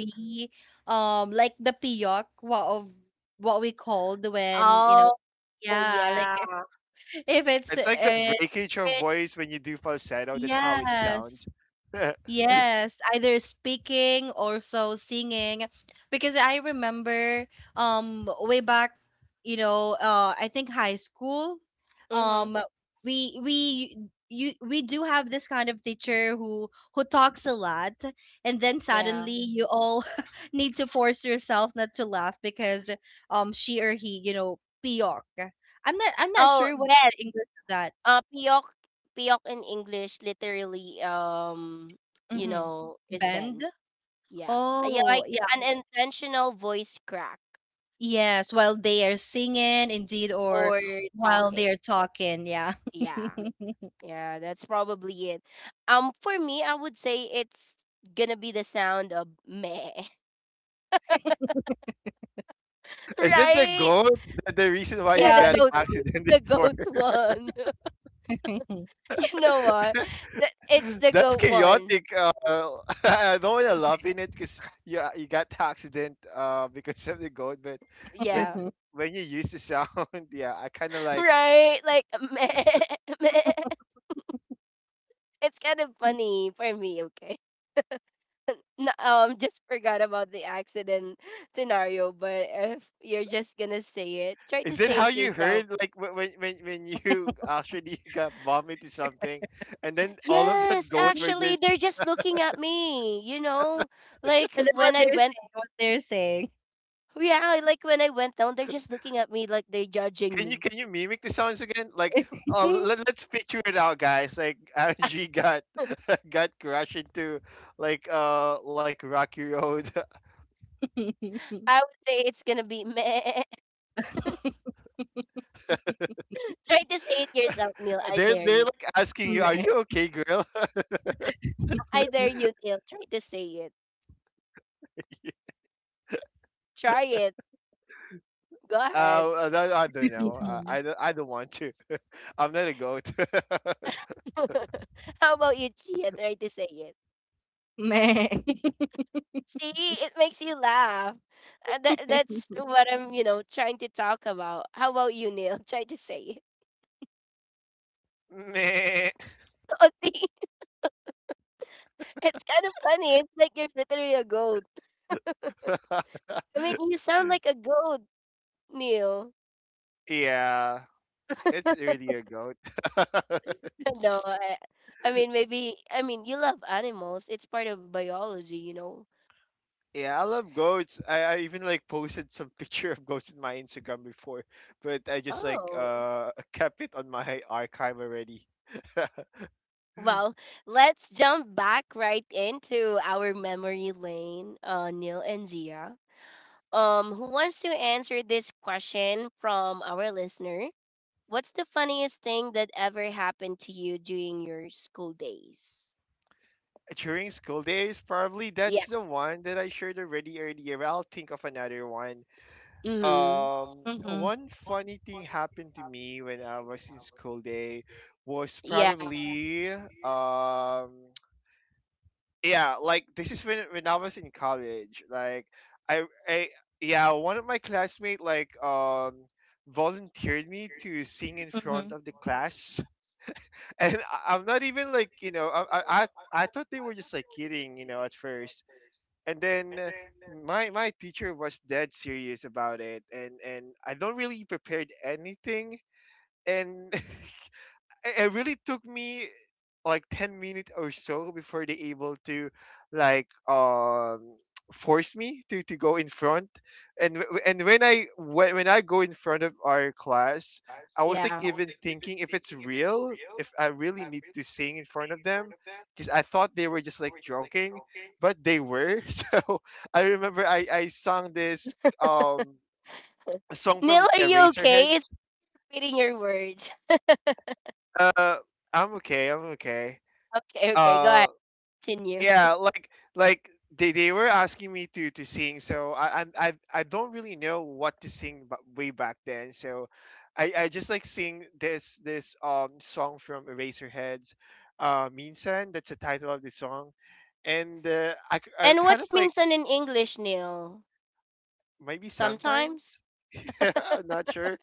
Speaker 1: Oh, yeah.
Speaker 2: It's like the breakage of
Speaker 1: Fish.
Speaker 2: voice when you do falsetto. That's how it sounds. [LAUGHS]
Speaker 1: Mm-hmm. Yeah. Oh, bed. Uh, piyok. Piyok in English literally, um, you know, is bend. Yeah. Uh, Yeah, like an intentional voice crack or talking. Yeah. Yeah, that's probably it. Um for me, I would say it's gonna be the sound of meh. [LAUGHS]
Speaker 2: Is it the
Speaker 1: Right?
Speaker 2: goat, the, the reason why you
Speaker 1: Yeah, the
Speaker 2: got
Speaker 1: goat
Speaker 2: accident [LAUGHS]
Speaker 1: the
Speaker 2: before?
Speaker 1: goat one. [LAUGHS] You know what? Th- It's the
Speaker 2: That's
Speaker 1: goat one.
Speaker 2: chaotic. Uh, [LAUGHS] I don't want to laugh in it because you, you got accident uh, because of the goat. But when
Speaker 1: Yeah.
Speaker 2: when you use the sound, [LAUGHS] yeah, I kind of
Speaker 1: [LAUGHS]
Speaker 2: like.
Speaker 1: Right? Like meh, [LAUGHS] meh. It's kind of funny for me, okay? N- um just forgot about the accident scenario, but if you're just gonna say it, try to
Speaker 2: Is it
Speaker 1: say
Speaker 2: how
Speaker 1: it
Speaker 2: you
Speaker 1: yourself.
Speaker 2: heard like wh- when when when you actually [LAUGHS] got bumped into something, and then all of that
Speaker 1: Yes,
Speaker 2: goat were
Speaker 1: actually,
Speaker 2: just
Speaker 1: they're just looking at me, you know like when I went yeah, like when I went down, they're just looking at me like they're
Speaker 2: Can
Speaker 1: judging
Speaker 2: you
Speaker 1: me.
Speaker 2: can you mimic the sounds again? Like, uh, let, let's picture it out, guys. Like, Angie got [LAUGHS] got crashed into, like, uh, like Rocky Road.
Speaker 1: I would say it's gonna be meh. [LAUGHS] Try to say it yourself,
Speaker 2: [LAUGHS]
Speaker 1: Neil.
Speaker 2: they're
Speaker 1: I
Speaker 2: they're
Speaker 1: dare you.
Speaker 2: like asking you, "Are you okay, girl?"
Speaker 1: I dare you, Neil, try to say it.
Speaker 2: [LAUGHS]
Speaker 1: Try it. Go ahead.
Speaker 2: Uh, I, don't- I don't know. Uh, I don't, I don't want to. I'm not a goat.
Speaker 1: [LAUGHS] How about you, Chia, try to say it. See, it makes you laugh. Uh, that that's what I'm, you know, trying to talk about. How about you, Neil? [LAUGHS] Try to say it.
Speaker 2: [LAUGHS] Meh.
Speaker 1: [LAUGHS] Oh, see, it's kind of funny. It's like you're literally a goat. I mean, you
Speaker 2: [LAUGHS]
Speaker 1: sound like a goat, Neil.
Speaker 2: yeah, it's really a goat. [LAUGHS]
Speaker 1: [LAUGHS] No, I, I mean, maybe. I mean, you love animals. It's part of biology, you know.
Speaker 2: Yeah, I love goats. I, I even like posted some [LAUGHS] picture of goats in my Instagram before, but I just like
Speaker 1: Oh.
Speaker 2: uh [LAUGHS] kept it on my archive already. [LAUGHS]
Speaker 1: Well, let's jump back right into our memory lane, uh, Neil and Gia. Um, who wants to answer this question from our listener? What's the funniest thing that ever happened to you during your school days?
Speaker 2: During school days, probably
Speaker 1: Yeah.
Speaker 2: that's the one that I shared already earlier, but I'll think of another one.
Speaker 1: Mm-hmm.
Speaker 2: Um, one funny thing happened to me when I was in school day was
Speaker 1: Yeah,
Speaker 2: probably um yeah like this is when when I was in college. Like I I yeah One of my classmates, like um volunteered me to sing in front of the class, [LAUGHS] and I, i'm not even like, you know, I, I i I thought they were just like kidding, you know, at first. And then uh, My my teacher was dead serious about it, and and I don't really prepared anything. And [LAUGHS] it, it really took me like ten minutes or so before they able to like um [TSK] force me to, to go in front. And w- and when i when, when I go in front of our class, I was like
Speaker 1: yeah.
Speaker 2: even thinking if it's real, if I really need to sing in front of them, because I thought they were just like joking, but they were. [LAUGHS] So I remember i i sung this um song
Speaker 1: Neil,
Speaker 2: from
Speaker 1: are you
Speaker 2: eraserhead.
Speaker 1: okay? It's repeating your words. [LAUGHS]
Speaker 2: uh I'm okay, I'm okay.
Speaker 1: Okay, okay, go
Speaker 2: uh
Speaker 1: ahead. Continue.
Speaker 2: yeah like like they, they were asking me to to sing, so I, I i i don't really know what to sing ba- way back then. So i i just like sing this this um song from eraserheads. Uh minsan, that's the title of the song. and uh, I, k- I
Speaker 1: And
Speaker 2: kind of
Speaker 1: what's
Speaker 2: like
Speaker 1: minsan in English, Neil?
Speaker 2: maybe sometimes.
Speaker 1: Sometimes?
Speaker 2: [LAUGHS] I'm not sure.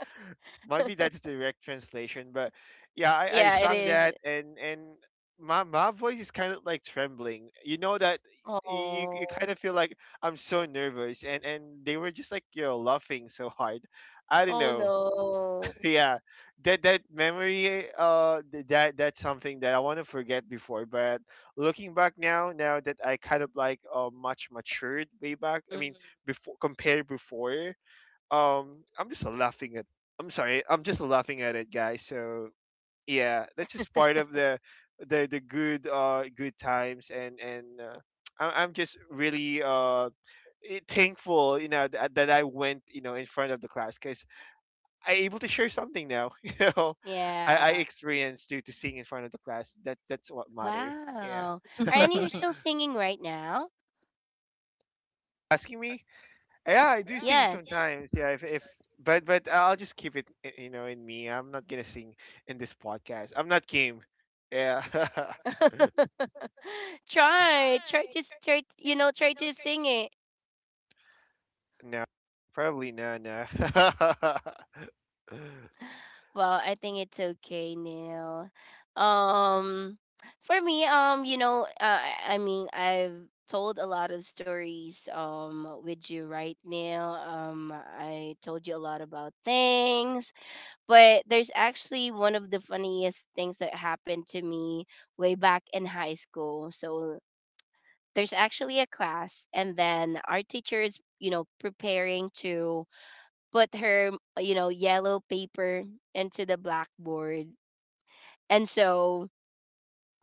Speaker 2: Might be that's the direct translation, but yeah, I, I
Speaker 1: Yeah, it
Speaker 2: sung
Speaker 1: is.
Speaker 2: that, and and my my voice is kind of like trembling. You know that you you kind
Speaker 1: Oh.
Speaker 2: of feel like I'm so nervous, and and they were just like yo laughing so hard. I don't
Speaker 1: Oh
Speaker 2: know. [LAUGHS]
Speaker 1: no.
Speaker 2: Yeah, that that memory, uh, th- that that's something that I want to forget before. But looking back now, now that I kind of like uh much matured way back. I mean,
Speaker 1: Mm,
Speaker 2: before compared before, um I'm just laughing at, I'm sorry, I'm just laughing at it, guys. So yeah, that's just part of the the the good uh good times, and and uh, [TSK] I- I'm just really uh eh, thankful, you know, that, that I went, you know, in front of the class, because I able to share something now. [LAUGHS] You know, i i
Speaker 1: yeah.
Speaker 2: experienced due to seeing in front of the class, that that's what matter. Yeah,
Speaker 1: Wow. And you're still singing right now?
Speaker 2: asking me. Yeah, I do sing
Speaker 1: Yes.
Speaker 2: sometimes. Yeah, if, if, but but I'll just keep it, i- you know, in me. I'm not gonna sing in this podcast. I'm not game. Yeah, [LAUGHS]
Speaker 1: [LAUGHS] try, try to s- try, t- you know, Try to sing it.
Speaker 2: no, probably no, no. [LAUGHS]
Speaker 1: Well, I think it's okay now. Um, for me, um, you know, uh, I I mean, I've told a lot of stories um with you right now. Um, I told you a lot about things, but there's actually one of the funniest things that happened to me way back in high school. So there's actually a class, and then our teacher is, you know preparing to put her, you know yellow paper into the blackboard. And so,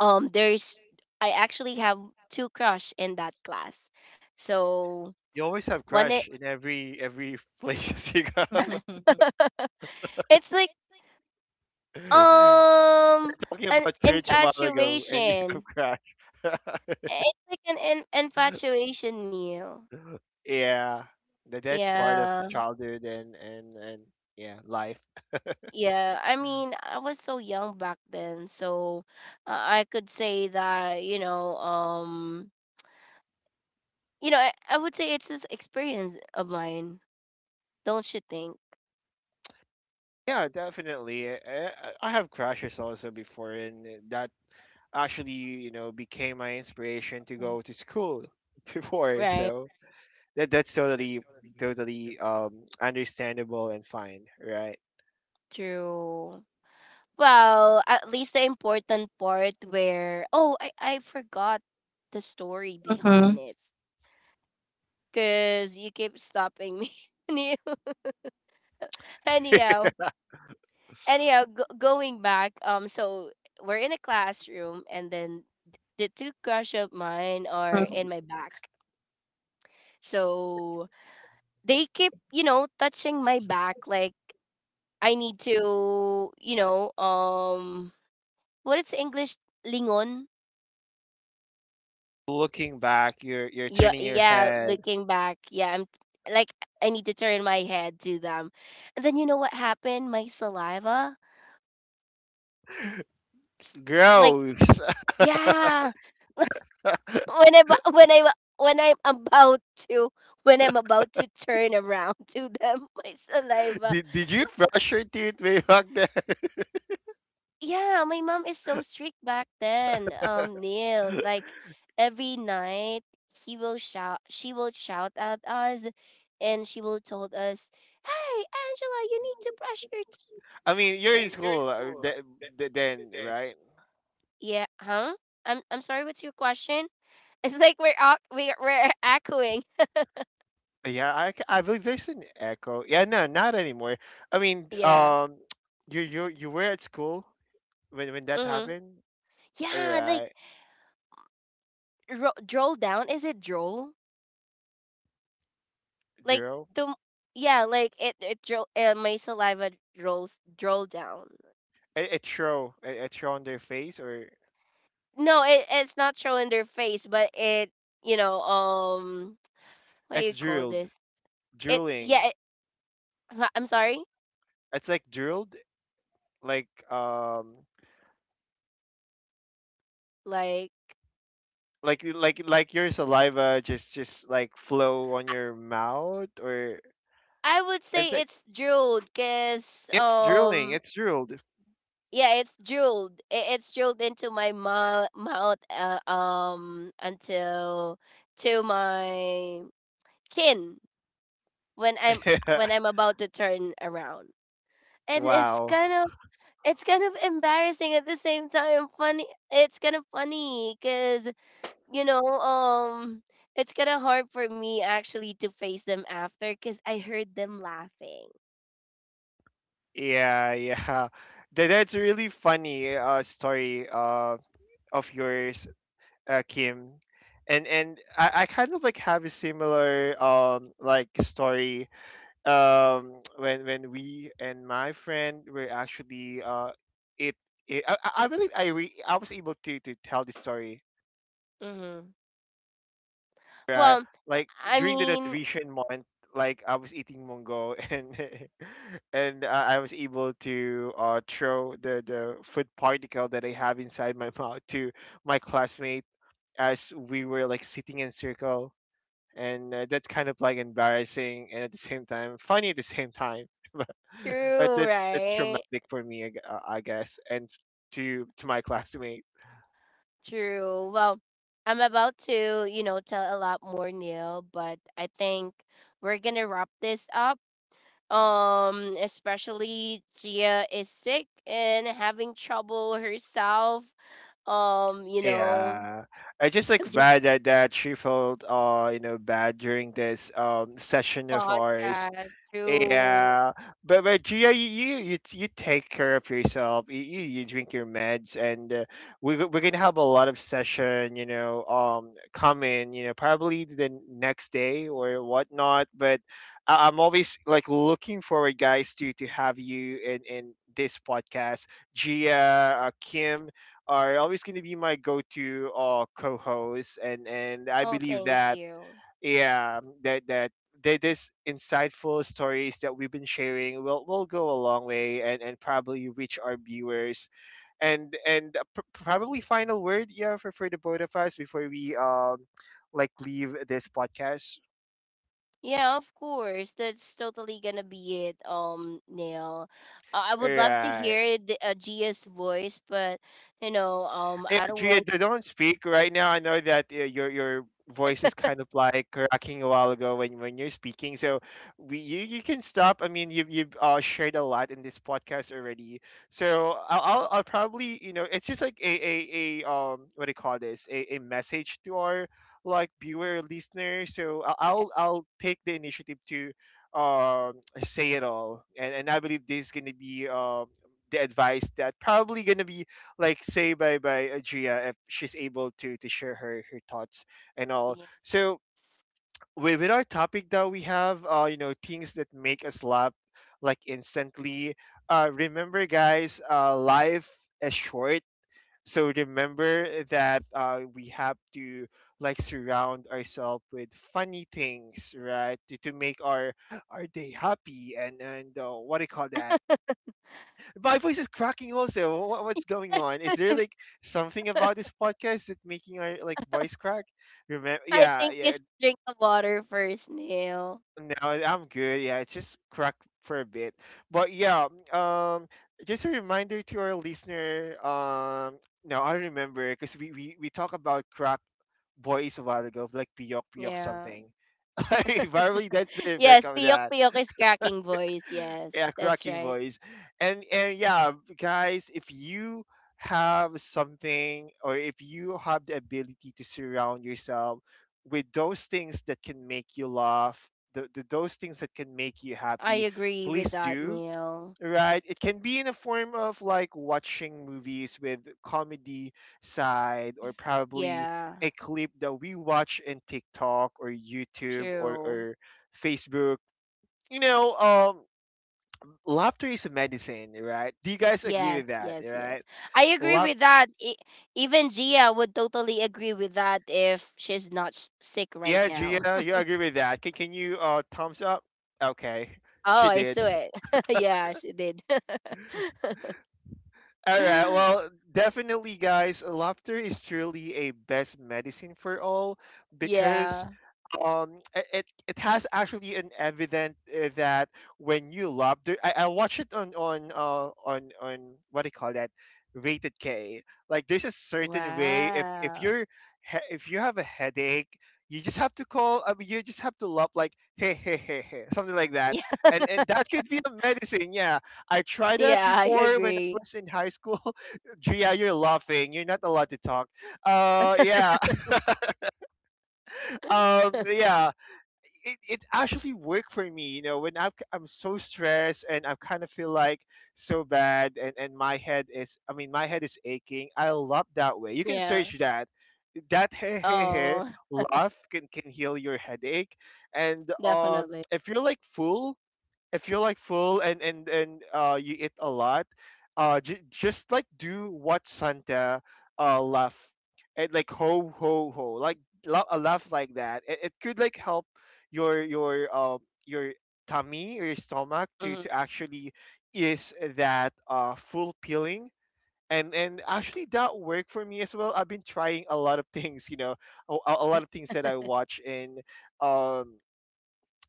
Speaker 1: um
Speaker 3: um,
Speaker 1: there's
Speaker 3: Very soon.
Speaker 1: I
Speaker 3: I
Speaker 1: actually have
Speaker 3: actually have
Speaker 1: two
Speaker 3: a
Speaker 1: crush in
Speaker 3: house.
Speaker 1: that class. So
Speaker 2: You always have
Speaker 1: one it
Speaker 2: crush in every every [LAUGHS] places you go.
Speaker 3: Monday. Mhm. [LAUGHS]
Speaker 1: [LAUGHS] it's like,
Speaker 3: It's like,
Speaker 2: [LAUGHS]
Speaker 1: um
Speaker 3: oh.
Speaker 2: Talking
Speaker 1: an
Speaker 2: about church a while ago, and you have
Speaker 1: infatuation.
Speaker 2: crush.
Speaker 1: It's like an in- infatuation, Neil.
Speaker 2: [LAUGHS] Yeah, that that's part of
Speaker 1: Yeah.
Speaker 2: childhood and and and yeah, life.
Speaker 1: Yeah, I mean, I was so young back then. So, uh, I could say that, you know, um, you know, I, I would say it's this experience of mine, don't you think?
Speaker 2: Yeah, definitely. I, I I have crashes also before, and eh, that actually, you know, became my inspiration to go to school [LAUGHS] before.
Speaker 1: Right?
Speaker 2: So that that's totally, totally um, understandable and fine, right?
Speaker 1: True. Well, at least the important part where... Oh, I, I forgot the story behind it, because you keep stopping me. [LAUGHS] Any- Anyhow, anyhow go- Going back, um so we're in a classroom, and then the two crush of mine are in my back. So they keep, you know touching my back. Like, I need to, you know um what is English? Lingon.
Speaker 2: Looking back, you're you're
Speaker 1: Yeah,
Speaker 2: turning your
Speaker 1: yeah,
Speaker 2: head.
Speaker 1: looking back. Yeah, I'm like, I need to turn my head to them. And then you know what happened? My saliva s- like,
Speaker 2: Gross. [LAUGHS]
Speaker 1: yeah, [LAUGHS] when I bu- when I when I'm about to when I'm about to turn around, [LAUGHS] to them, my saliva.
Speaker 2: Did, did you brush your teeth way back then? [LAUGHS]
Speaker 1: Yeah, my mom is so strict back then. Um, Neil, like every night he will shout, she will shout at us, and she will told us, "Hey, Angela, you need to brush your
Speaker 2: I mean, you're
Speaker 1: teeth."
Speaker 2: in school uh, th- th- then, right?
Speaker 1: Yeah, huh? I'm I'm sorry. What's your question? [LAUGHS] It's like we're ac- we're, we're echoing.
Speaker 2: Yeah, I, c- I believe there's an echo. Yeah, no, not anymore. I mean,
Speaker 1: Yeah.
Speaker 2: um, you you you were at school when when that
Speaker 1: Mm-hmm.
Speaker 2: happened, or
Speaker 1: Yeah, like
Speaker 2: uh,
Speaker 1: ro- droll down. Is it droll? Like
Speaker 2: drill?
Speaker 1: to Yeah, like it it dro- uh, my saliva rolls drool down.
Speaker 2: It, it show it, it show on their face, or
Speaker 1: No, it, it's not show in their face, but it you know um what do you
Speaker 2: it's
Speaker 1: call
Speaker 2: drilled,
Speaker 1: this it
Speaker 2: drilling.
Speaker 1: yeah it, huh, I'm sorry
Speaker 2: It's like drilled, like um,
Speaker 1: like
Speaker 2: like like like your saliva just just like flow on your mouth, or
Speaker 1: I would
Speaker 2: it's
Speaker 1: say
Speaker 2: like,
Speaker 1: it's drooled because
Speaker 2: it's drilling,
Speaker 1: um
Speaker 2: it's drilled.
Speaker 1: Yeah, it's drooled, it, it's drooled into my mou- mouth uh, um until to my chin when i'm when I'm
Speaker 2: [LAUGHS]
Speaker 1: about to turn around, and it's
Speaker 2: Wow.
Speaker 1: kind it's kind of embarrassing, at the same time funny. It's kind of funny because you know um it's kind of hard for me actually to face them after, because I heard them laughing.
Speaker 2: Yeah, yeah. [LAUGHS] That, that's a really funny uh, story uh, of yours, uh, Kim. And and I, I kind of like have a similar um like story um [TSK] when when we and my friend were actually uh it, it I, I I believe I re- I was able to to tell the story,
Speaker 1: Mm-hmm.
Speaker 2: right?
Speaker 1: well
Speaker 2: Like
Speaker 1: i
Speaker 2: during the
Speaker 1: mean
Speaker 2: nutrition month, like I was eating mongo [LAUGHS] and [LAUGHS] and uh, I was able to uh, throw the the food particle that I have inside my [LAUGHS] mouth to my classmate as we were like sitting in circle, and uh, that's kind of like embarrassing and at the same time funny at the same time. [LAUGHS] But, but
Speaker 1: true,
Speaker 2: that's that's
Speaker 1: right?
Speaker 2: traumatic for me, I, gu- uh, I guess, and to to my classmate.
Speaker 1: True. Well, I'm about to, you know tell a lot more, Neil, but I think we're gonna wrap this up. Um especially Gia is sick and having trouble herself. um, you know,
Speaker 2: Yeah, I just like
Speaker 1: just
Speaker 2: glad that that she felt uh you know bad during this um session of ours.
Speaker 1: podcast through.
Speaker 2: Yeah, but but Gia, you you you, t- you take care of yourself. You, you you drink your meds, and uh, we we're gonna have a lot of session. You know, um, coming. You know, probably the next day or whatnot. But I, I'm always like looking forward, guys, to to have you in in this podcast. Gia, uh, Kim are always gonna be my go to uh co-hosts, and and I
Speaker 1: Oh,
Speaker 2: believe
Speaker 1: thank
Speaker 2: that
Speaker 1: you.
Speaker 2: yeah that that that this insightful stories that we've been sharing will will go a long way, and and probably reach our viewers and and uh, pr- probably final word, yeah, for for the both of us before we um like leave this podcast,
Speaker 1: Yeah, of course. That's totally gonna be it. Um, Neil, uh, I would love to
Speaker 2: right?
Speaker 1: hear the uh, Gia's voice, but you know, um,
Speaker 2: Yeah,
Speaker 1: I don't
Speaker 2: Gia,
Speaker 1: want.
Speaker 2: d- don't speak right now. I know that uh, your your voice is kind of like cracking a while ago when when you're speaking. So we you, you can stop. I mean, you have you've uh, shared a lot in this podcast already. So I'll I'll, I'll probably, you know, it's just like a, a, a um what do you call this, a, a message to our like viewer listener. So I'll
Speaker 1: Yeah,
Speaker 2: I'll I'll take the initiative to um say it all, and and I believe this is gonna be um the advice that probably gonna be like say bye bye Ajia if she's able to to share her her thoughts and all.
Speaker 1: yes.
Speaker 2: So with, with our topic that we have, uh, you know, things that make us laugh like instantly. Uh, remember, guys, uh, life is short. So remember that uh, we have to like surround ourselves with funny things, right? To, to make our our day happy, and and uh, what do you call that? My voice is cracking also. What, what's going on? Is there like something about
Speaker 1: [LAUGHS]
Speaker 2: this podcast that making our like voice crack? Remember?
Speaker 1: I
Speaker 2: Yeah,
Speaker 1: think you
Speaker 2: yeah.
Speaker 1: should drink the water first, Neil.
Speaker 2: No, I'm good. Yeah, it's just crack for a bit. But yeah, um, just a reminder to our listener. Um, no, I remember because we, we we talk about crack voice a while ago, like piyok piyok
Speaker 1: Yeah.
Speaker 2: something. [LAUGHS] Like probably that's
Speaker 1: [LAUGHS]
Speaker 2: the effect
Speaker 1: Yes,
Speaker 2: of
Speaker 1: Piyok
Speaker 2: that.
Speaker 1: Piyok is cracking voice. Yes,
Speaker 2: Yeah,
Speaker 1: that's
Speaker 2: cracking
Speaker 1: right.
Speaker 2: voice. And and yeah, guys, if you have something or if you have the ability to surround yourself with those things that can make you laugh, the, the those things that can make you
Speaker 1: I
Speaker 2: happy,
Speaker 1: agree with
Speaker 2: please
Speaker 1: that,
Speaker 2: do.
Speaker 1: Neil.
Speaker 2: Right? It can be in a
Speaker 1: Um,
Speaker 2: form of like
Speaker 1: that's, you
Speaker 2: watching
Speaker 1: know,
Speaker 2: movies with
Speaker 1: probably
Speaker 2: comedy side
Speaker 1: where,
Speaker 2: or probably
Speaker 1: yeah,
Speaker 2: a clip that we watch in TikTok or YouTube, or,
Speaker 1: true.
Speaker 2: or Facebook. You know, um laughter is a medicine, right? Do you guys agree
Speaker 1: Yes,
Speaker 2: with that,
Speaker 1: yes,
Speaker 2: right?
Speaker 1: yes. I agree
Speaker 2: Laugh.
Speaker 1: with that. E- even Gia would totally agree with that if she's not s- sick right
Speaker 2: Yeah,
Speaker 1: now.
Speaker 2: Gia,
Speaker 1: [LAUGHS]
Speaker 2: you agree with that. Can, can you uh thumbs up? Okay,
Speaker 1: Oh,
Speaker 2: she
Speaker 1: I saw
Speaker 2: did.
Speaker 1: it. [LAUGHS] Yeah, she did. [LAUGHS]
Speaker 2: All right. Well, definitely, guys, laughter is truly a best medicine for all, because
Speaker 1: Yeah.
Speaker 2: um i- it it has actually an evident uh, that when you laugh there, I, I watch it on on uh on on what do you call that, rated k, like there's a certain way, if if
Speaker 1: Wow.
Speaker 2: you're he- if you have a headache, you just have to call, I mean, you just have to laugh, like, hey, hey, hey, hey, something like
Speaker 1: [LAUGHS]
Speaker 2: that,
Speaker 1: Yeah,
Speaker 2: and and that could be a medicine. Yeah, I tried that
Speaker 1: yeah, I
Speaker 2: before when I
Speaker 1: agree.
Speaker 2: was in high school. [LAUGHS] Gia, you're laughing. You're not allowed to talk. Uh, yeah. [LAUGHS] Um,
Speaker 1: [LAUGHS]
Speaker 2: yeah. It, it actually worked for me. You know, when I'm, I'm so stressed and I kind of feel like so bad, and, and my head is, I mean, my head is aching. I love that way. You
Speaker 1: Yeah.
Speaker 2: can search that. That hey, hey,
Speaker 1: Oh.
Speaker 2: hey, laugh can, can heal your headache. And um,
Speaker 1: Definitely.
Speaker 2: if you're like full, if you're like full and and and uh you eat a lot, uh j- just like do what santa, uh laugh, and like ho ho ho, like la- a laugh like that, it, it could like help your your um your tummy or your stomach to
Speaker 1: Mhm.
Speaker 2: to actually is that uh full peeling, and and actually that worked for me as well. I've been trying a lot of [LAUGHS] things, you know, a, a a lot of things that I watch in um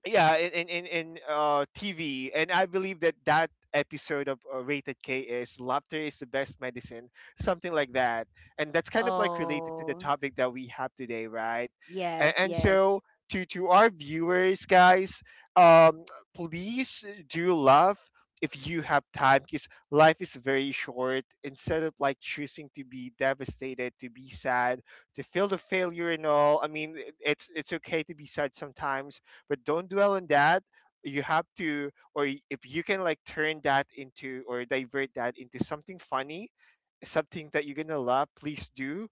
Speaker 2: yeah in in in, uh tv, and I believe that that episode of uh, rated k is laughter is the best medicine, something like that, and that's kind of like related to the
Speaker 1: Oh,
Speaker 2: topic that we have today, right? and,
Speaker 1: yes,
Speaker 2: and
Speaker 1: yes,
Speaker 2: so to to our viewers, guys, um please do love if you have time, because life is very short, instead of like choosing to be devastated, to be sad, to feel the failure and all. I mean, it- it's it's okay to be sad sometimes, but don't dwell on that. You have to, or y- if you can, like turn that into or divert that into something funny, something that you're gonna love, please do.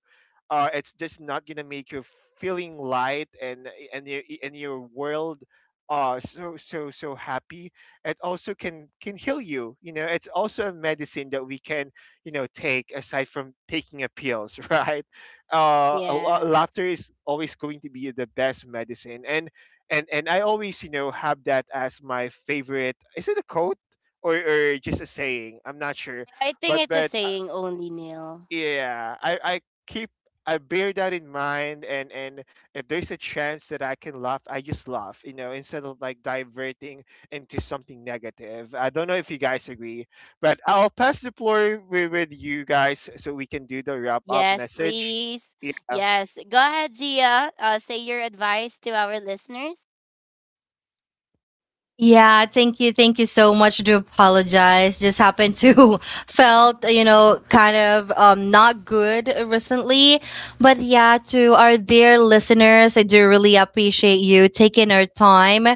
Speaker 2: Uh, it's just not gonna make you feeling light, and and your and your world uh so so so happy. It also can can heal you, you know. It's also a medicine that we can, you know, take aside from taking a pills. [LAUGHS] Right? Uh a lo-
Speaker 1: yes.
Speaker 2: laughter is always going to be the best medicine, and and and I always, you know, have that as my favorite. Is it a quote, or, or just a saying, I'm not sure.
Speaker 1: I think
Speaker 2: but
Speaker 1: it's a
Speaker 2: but
Speaker 1: saying only, Neil.
Speaker 2: yeah, I I keep, I bear that in mind, and and if there's a chance that I can laugh, I just laugh, you know, instead of like diverting into something negative. I don't know if you guys agree, but I'll pass the floor with, with you guys so we can do the wrap up
Speaker 1: Yes,
Speaker 2: message.
Speaker 1: please.
Speaker 2: Yeah.
Speaker 1: Yes. Go ahead, Gia. Uh, say your advice to our listeners.
Speaker 3: Yeah, thank you. Thank you so much. Do apologize. Just happened to [LAUGHS] felt, you know, kind of um not good uh, recently. But yeah, to our dear listeners, I do really appreciate you taking our time.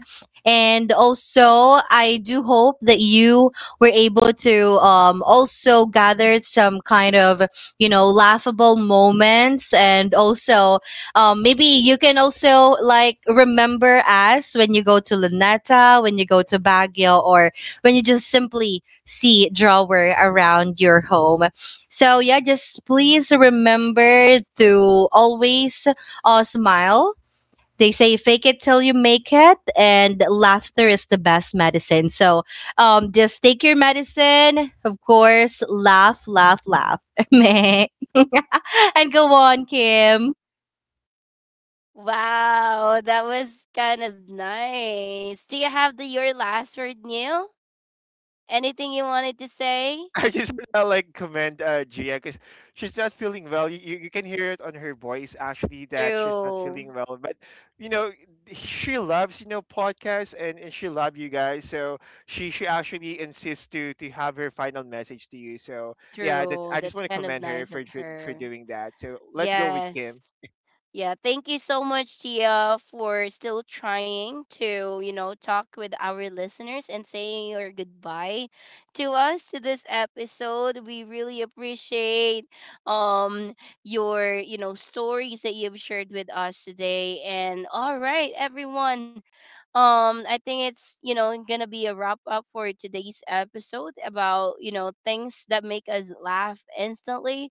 Speaker 3: And also, I do hope that you were able to um also gather some kind of, you know, laughable moments and also um maybe you can also like remember us when you go to Luneta, when you go to Baguio, or when you just simply see drawer around your home. So yeah, just please remember to always uh, smile. They say fake it till you make it, and laughter is the best medicine. So um just take your medicine, of course, laugh, laugh, laugh. [LAUGHS] and go on, Kim.
Speaker 1: Wow, that was kind of nice. Do you have the your last word, Neil? Anything you wanted to say?
Speaker 2: [LAUGHS] I just wanna like commend uh, Gia, because she's not feeling well. You, you you can hear it on her voice actually that she's not
Speaker 1: True,
Speaker 2: feeling well. But you know she loves, you know, podcasts, and, and she loves you guys. So she she actually insists to to have her final message to you. So yeah, that's
Speaker 1: true.
Speaker 2: I just
Speaker 1: That's
Speaker 2: want to
Speaker 1: kind of
Speaker 2: commend her
Speaker 1: nice of
Speaker 2: for for, for
Speaker 1: her.
Speaker 2: doing that. So let's go with Kim.
Speaker 1: Yes. Yeah, thank you so much, Tia, for still trying to, you know, talk with our listeners and saying your goodbye to us, to this episode. We really appreciate um your, you know, stories that you've shared with us today. And all right, everyone. Um, I think it's, you know, gonna be a wrap up for today's episode about, you know, things that make us laugh instantly,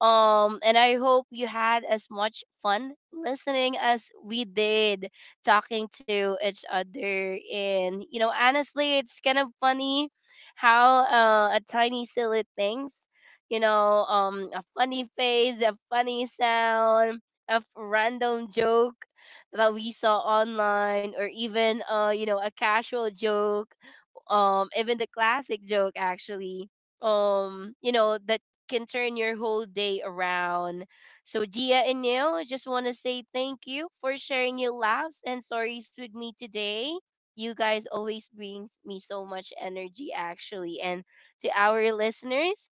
Speaker 1: um, and I hope you had as much fun listening as we did talking to each other. And, you know, honestly, it's kind of funny how uh, a tiny, silly things, you know, um, a funny face, a funny sound, a random joke that we saw online, or even, uh, you know, a casual joke, um even the classic joke actually, um you know, that can turn your whole day around. So Gia and Neil, I just want to say thank you for sharing your laughs and stories with me today. You guys always brings me so much energy actually. And to our listeners,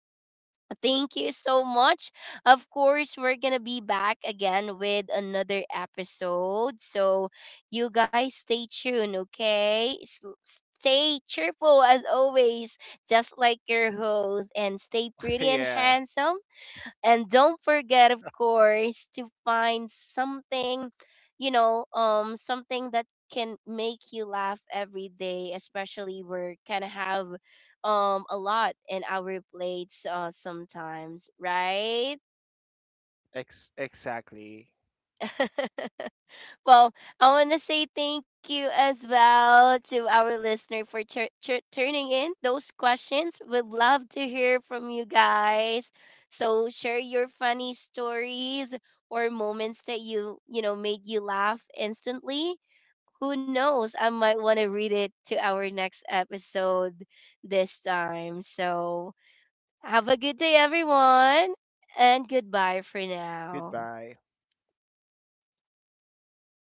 Speaker 1: thank you so much. Of course, we're going to be back again with another episode. So you guys stay tuned, okay? S- Stay cheerful as always, just like your host, and stay
Speaker 2: [LAUGHS]
Speaker 1: pretty and
Speaker 2: Yeah,
Speaker 1: handsome. And don't forget, of course, to find something, you know, um, something that can make you laugh every day, especially we're kind of have um a lot in our plates uh sometimes, right?
Speaker 2: ex- exactly.
Speaker 1: [LAUGHS] Well, I want to say thank you as well to our listener for tur- tur- turning in those questions. We'd love to hear from you guys. So share your funny stories or moments that you, you know, made you laugh instantly. Who knows? I might want to read it to our next episode this time. So have a good day, everyone, and goodbye for now.
Speaker 2: Goodbye.